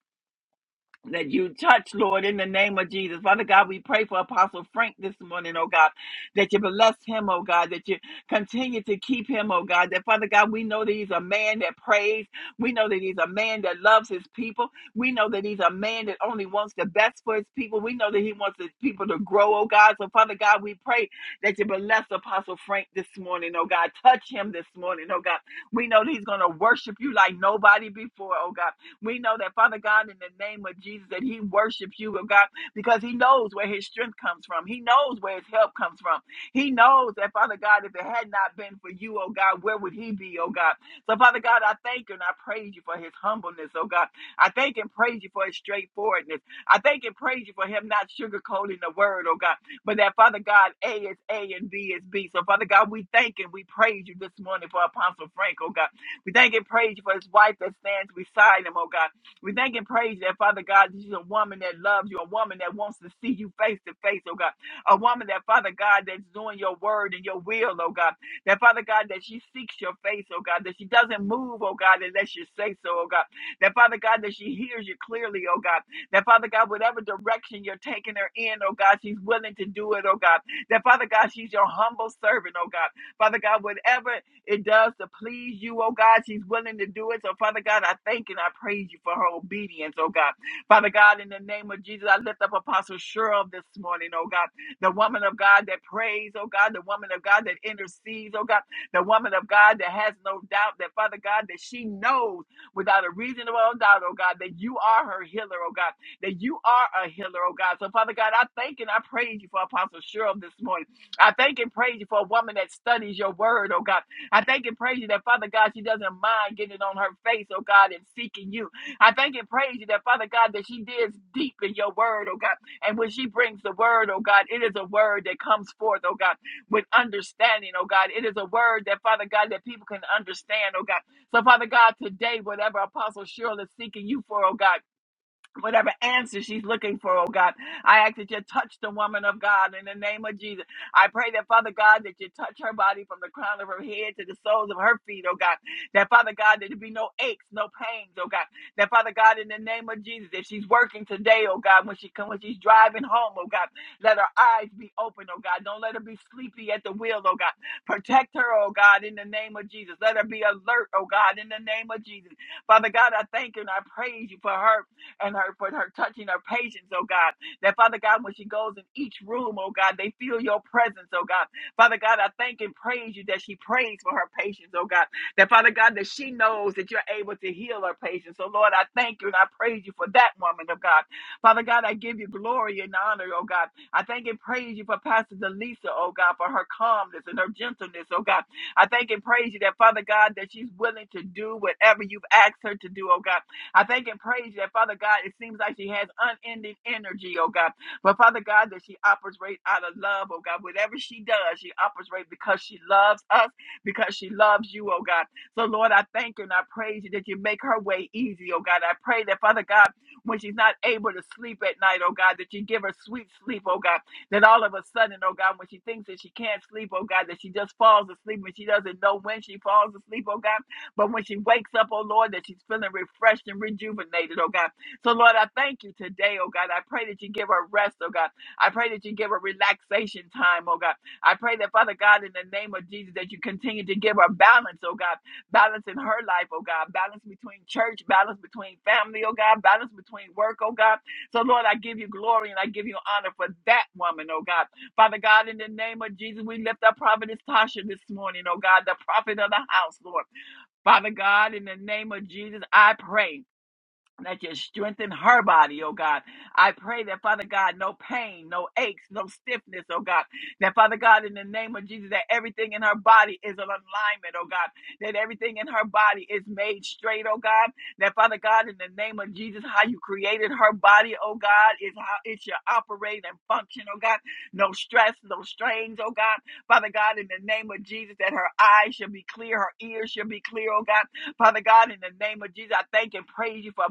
C: that you touch, Lord, in the name of Jesus. Father God, we pray for Apostle Frank this morning, oh God, that you bless him, oh God, that you continue to keep him, oh God, that Father God, we know that he's a man that prays. We know that he's a man that loves his people. We know that he's a man that only wants the best for his people. We know that he wants his people to grow, oh God. So Father God, we pray that you bless Apostle Frank this morning, oh God. Touch him this morning, oh God. We know that he's going to worship you like nobody before, oh God. We know that, Father God, in the name of Jesus, that he worships you, oh God, because he knows where his strength comes from. He knows where his help comes from. He knows that, Father God, if it had not been for you, oh God, where would he be, oh God? So, Father God, I thank you and I praise you for his humbleness, oh God. I thank and praise you for his straightforwardness. I thank and praise you for him not sugarcoating the word, oh God, but that, Father God, A is A and B is B. So, Father God, we thank and we praise you this morning for Apostle Frank, oh God. We thank and praise you for his wife that stands beside him, oh God. We thank and praise that, Father God, that she's a woman that loves you, a woman that wants to see you face to face, oh God. A woman that, Father God, that's doing your word and your will, oh God. That, Father God, that she seeks your face, oh God. That she doesn't move, oh God, unless you say so, oh God. That, Father God, that she hears you clearly, oh God. That, Father God, whatever direction you're taking her in, oh God, she's willing to do it, oh God. That, Father God, she's your humble servant, oh God. Father God, whatever it does to please you, oh God. She's willing to do it. So, Father God, I thank and I praise you for her obedience, oh God. Father God, in the name of Jesus, I lift up Apostle Cheryl this morning, oh God. The woman of God that prays, oh God. The woman of God that intercedes, oh God. The woman of God that has no doubt that, Father God, that she knows without a reasonable doubt, oh God, that you are her healer, oh God. That you are a healer, oh God. So, Father God, I thank and I praise you for Apostle Cheryl this morning. I thank and praise you for a woman that studies your word, oh God I thank and praise you that, Father God, she doesn't mind getting on her face, oh God, and seeking you. I thank and praise you that, Father God, that she digs deep in your word, oh God. And when she brings the word, oh God, it is a word that comes forth, oh God, with understanding, oh God. It is a word that, Father God, that people can understand, oh God. So, Father God, today, whatever Apostle Cheryl is seeking you for, oh God whatever answer she's looking for, oh God. I ask that you touch the woman of God in the name of Jesus. I pray that, Father God, that you touch her body from the crown of her head to the soles of her feet, oh God. That, Father God, that there be no aches, no pains, oh God. That, Father God, in the name of Jesus, if she's working today, oh God, when she come, when she's driving home, oh God, let her eyes be open, oh God. Don't let her be sleepy at the wheel, oh God. Protect her, oh God, in the name of Jesus. Let her be alert, oh God, in the name of Jesus. Father God, I thank you and I praise you for her and her for her touching her patients, oh God. That Father God, when she goes in each room, oh God, they feel your presence, oh God. Father God, I thank and praise you that she prays for her patients, oh God. That Father God, that she knows that you're able to heal her patients. So Lord, I thank you and I praise you for that woman of God. Father God, I give you glory and honor, oh God. I thank and praise you for Pastor Delisa, oh God, for her calmness and her gentleness, oh God. I thank and praise you that Father God, that she's willing to do whatever you've asked her to do, oh God. I thank and praise you that, Father God, it seems like she has unending energy, oh God. But Father God, that she operates out of love, oh God. Whatever she does, she operates because she loves us, because she loves you, oh God. So, Lord, I thank you and I praise you that you make her way easy, oh God. I pray that, Father God, when she's not able to sleep at night, oh God, that you give her sweet sleep, oh God. That all of a sudden, oh God, when she thinks that she can't sleep, oh God, that she just falls asleep and she doesn't know when she falls asleep, oh God. But when she wakes up, oh Lord, that she's feeling refreshed and rejuvenated, oh God. So, Lord, I thank you today, oh God. I pray that you give her rest, oh God. I pray that you give her relaxation time, oh God. I pray that, Father God, in the name of Jesus, that you continue to give her balance, oh God. Balance in her life, oh God. Balance between church, balance between family, oh God. Balance between work, oh God. So, Lord, I give you glory and I give you honor for that woman, oh God. Father God, in the name of Jesus, we lift up Providence Tasha this morning, oh God, the prophet of the house, Lord. Father God, in the name of Jesus, I pray that you strengthen her body, oh God. I pray that, Father God, no pain, no aches, no stiffness, oh God. That, Father God, in the name of Jesus, that everything in her body is in alignment, oh God. That everything in her body is made straight, oh God. That, Father God, in the name of Jesus, how you created her body, oh God, is how it should operate and function, oh God. No stress, no strains, oh God. Father God, in the name of Jesus, that her eyes should be clear, her ears should be clear, oh God. Father God, in the name of Jesus, I thank and praise you for,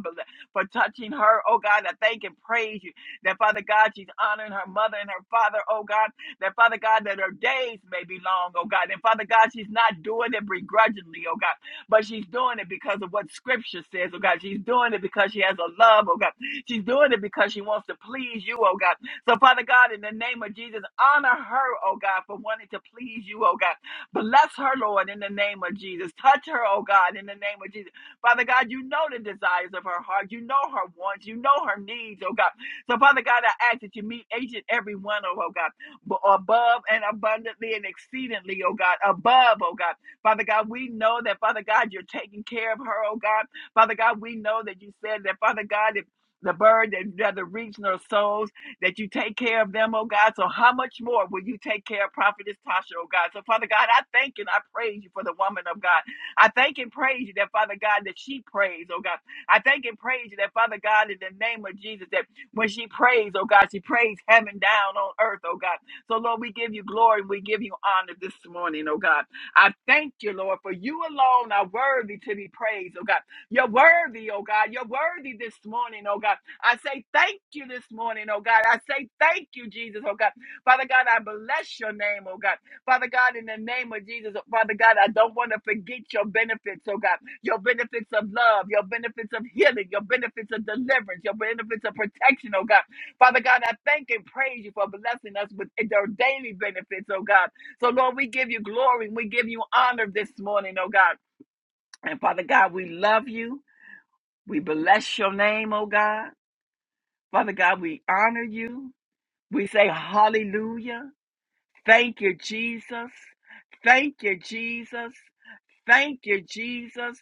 C: for touching her. Oh God, I thank and praise you that, Father God, she's honoring her mother and her father. Oh God, that, Father God, that her days may be long. Oh God, and Father God, she's not doing it begrudgingly. Oh God, but she's doing it because of what Scripture says. Oh God, she's doing it because she has a love. Oh God, she's doing it because she wants to please you. Oh God, so Father God, in the name of Jesus, honor her. Oh God, for wanting to please you. Oh God. Bless her, Lord, in the name of Jesus. Touch her, oh God, in the name of Jesus. Father God, you know the desires of her heart. You know her wants. You know her needs, oh God. So, Father God, I ask that you meet each and every one, O God, b- above and abundantly and exceedingly, oh God, above, oh God. Father God, we know that, Father God, you're taking care of her, oh God. Father God, we know that you said that, Father God, if the bird that doesn't reach nor sows, that you take care of them, oh God. So how much more will you take care of Prophetess Tasha, oh God? So Father God, I thank and I praise you for the woman of God. I thank and praise you that Father God that she prays, oh God. I thank and praise you that Father God in the name of Jesus that when she prays, oh God, she prays heaven down on earth, oh God. So Lord, we give you glory and we give you honor this morning, oh God. I thank you, Lord, for you alone are worthy to be praised, oh God. You're worthy, oh God. You're worthy this morning, oh God. I say thank you this morning, oh God. I say thank you, Jesus, oh God. Father God, I bless your name, oh God. Father God, in the name of Jesus, oh Father God, I don't want to forget your benefits, oh God. Your benefits of love, your benefits of healing, your benefits of deliverance, your benefits of protection, oh God. Father God, I thank and praise you for blessing us with their daily benefits, oh God. So, Lord, we give you glory and we give you honor this morning, oh God. And Father God, we love you. We bless your name, oh God. Father God, we honor you. We say hallelujah. Thank you, Jesus. Thank you, Jesus. Thank you, Jesus.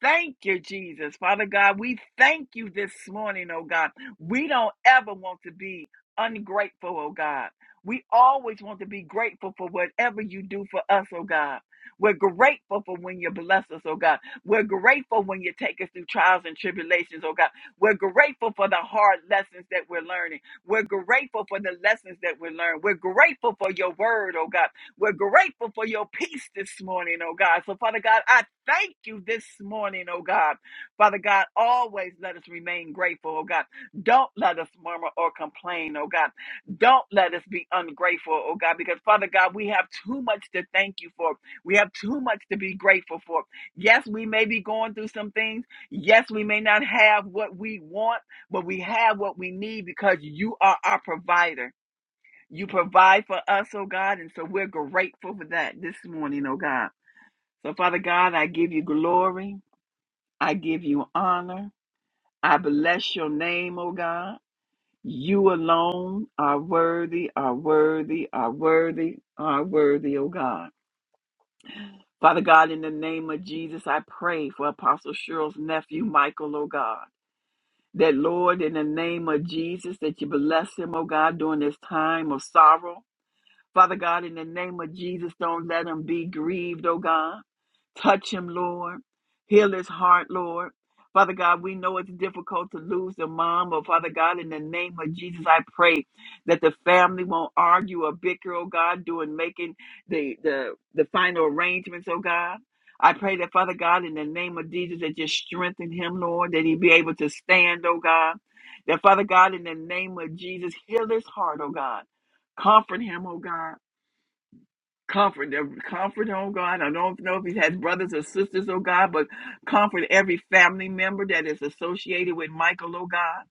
C: Thank you, Jesus. Father God, we thank you this morning, oh God. We don't ever want to be ungrateful, oh God. We always want to be grateful for whatever you do for us, oh God. We're grateful for when you bless us, oh God. We're grateful when you take us through trials and tribulations, oh God. We're grateful for the hard lessons that we're learning. We're grateful for the lessons that we learn. We're grateful for your word, oh God. We're grateful for your peace this morning, oh God. So, Father God, I thank you this morning, oh God. Father God, always let us remain grateful, oh God. Don't let us murmur or complain, oh God. Don't let us be ungrateful, oh God, because Father God, we have too much to thank you for. We have too much to be grateful for. Yes, we may be going through some things. Yes, we may not have what we want, but we have what we need because you are our provider. You provide for us, oh God, and so we're grateful for that this morning, oh God. So, Father God, I give you glory. I give you honor. I bless your name, oh God. You alone are worthy, are worthy, are worthy, are worthy, oh God. Father God, in the name of Jesus, I pray for Apostle Cheryl's nephew, Michael, oh God. That, Lord, in the name of Jesus, that you bless him, oh God, during this time of sorrow. Father God, in the name of Jesus, don't let him be grieved, oh God. Touch him, Lord. Heal his heart, Lord. Father God, we know it's difficult to lose a mom, but Father God, in the name of Jesus, I pray that the family won't argue or bicker, oh God, doing making the the the final arrangements, oh God. I pray that Father God, in the name of Jesus, that you strengthen him, Lord, that he be able to stand, oh God. That Father God, in the name of Jesus, heal his heart, oh God. Comfort him, oh God. Comfort, uh, comfort, oh God. I don't know if he has brothers or sisters, oh God, but comfort every family member that is associated with Michael, oh God.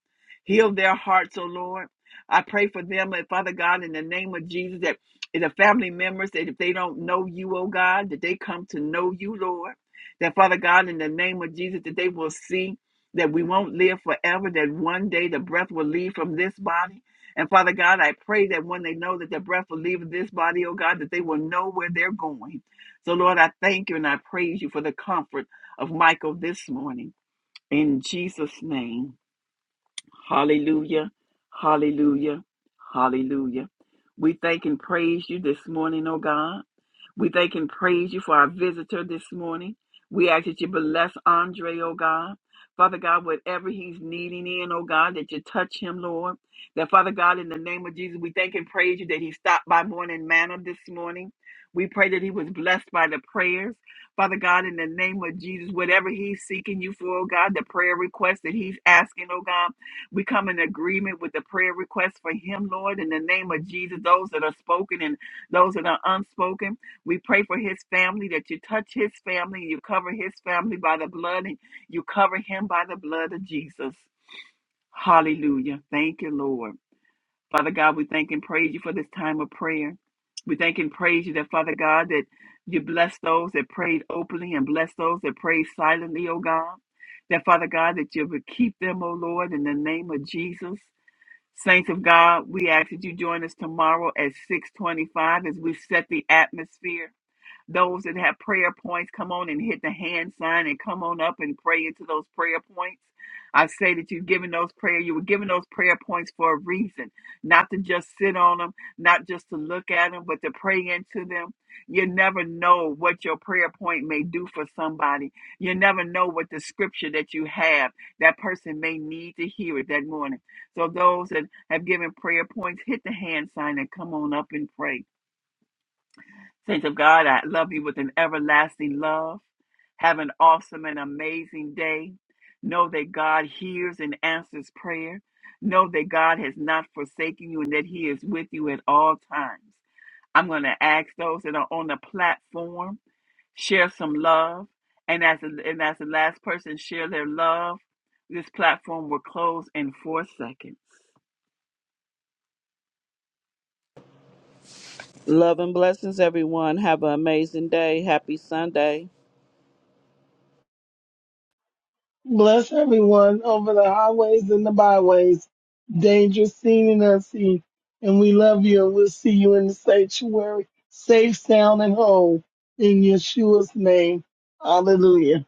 C: Heal their hearts, oh Lord. I pray for them, and Father God, in the name of Jesus, that the family members, that if they don't know you, oh God, that they come to know you, Lord. That Father God, in the name of Jesus, that they will see that we won't live forever, that one day the breath will leave from this body and Father God, I pray that when they know that their breath will leave this body, oh God, that they will know where they're going. So, Lord, I thank you and I praise you for the comfort of Michael this morning. In Jesus' name. Hallelujah. Hallelujah. Hallelujah. We thank and praise you this morning, oh God. We thank and praise you for our visitor this morning. We ask that you bless Andre, oh God. Father God, whatever he's needing in, oh God, that you touch him, Lord. That Father God, in the name of Jesus, we thank and praise you that he stopped by morning manna this morning. We pray that he was blessed by the prayers. Father God, in the name of Jesus, whatever he's seeking you for, oh God, the prayer request that he's asking, oh God. We come in agreement with the prayer request for him, Lord, in the name of Jesus, those that are spoken and those that are unspoken. We pray for his family, that you touch his family, you cover his family by the blood, and you cover him by the blood of Jesus. Hallelujah. Thank you, Lord. Father God, we thank and praise you for this time of prayer. We thank and praise you that, Father God, that you bless those that prayed openly and bless those that prayed silently, O God. That, Father God, that you would keep them, O Lord, in the name of Jesus. Saints of God, we ask that you join us tomorrow at 625 as we set the atmosphere those that have prayer points, come on and hit the hand sign and come on up and pray into those prayer points. I say that you've given those prayer, you were given those prayer points for a reason, not to just sit on them, not just to look at them, but to pray into them. You never know what your prayer point may do for somebody. You never know what the scripture that you have, that person may need to hear it that morning. So those that have given prayer points, hit the hand sign and come on up and pray. Saints of God, I love you with an everlasting love. Have an awesome and amazing day. Know that God hears and answers prayer. Know that God has not forsaken you and that He is with you at all times. I'm going to ask those that are on the platform, share some love. And as, and as the last person share their love, this platform will close in four seconds.
A: Love and blessings, everyone. Have an amazing day. Happy Sunday.
B: Bless everyone over the highways and the byways, dangerous seen and unseen. And we love you and we'll see you in the sanctuary, safe, sound, and whole in Yeshua's name. Hallelujah.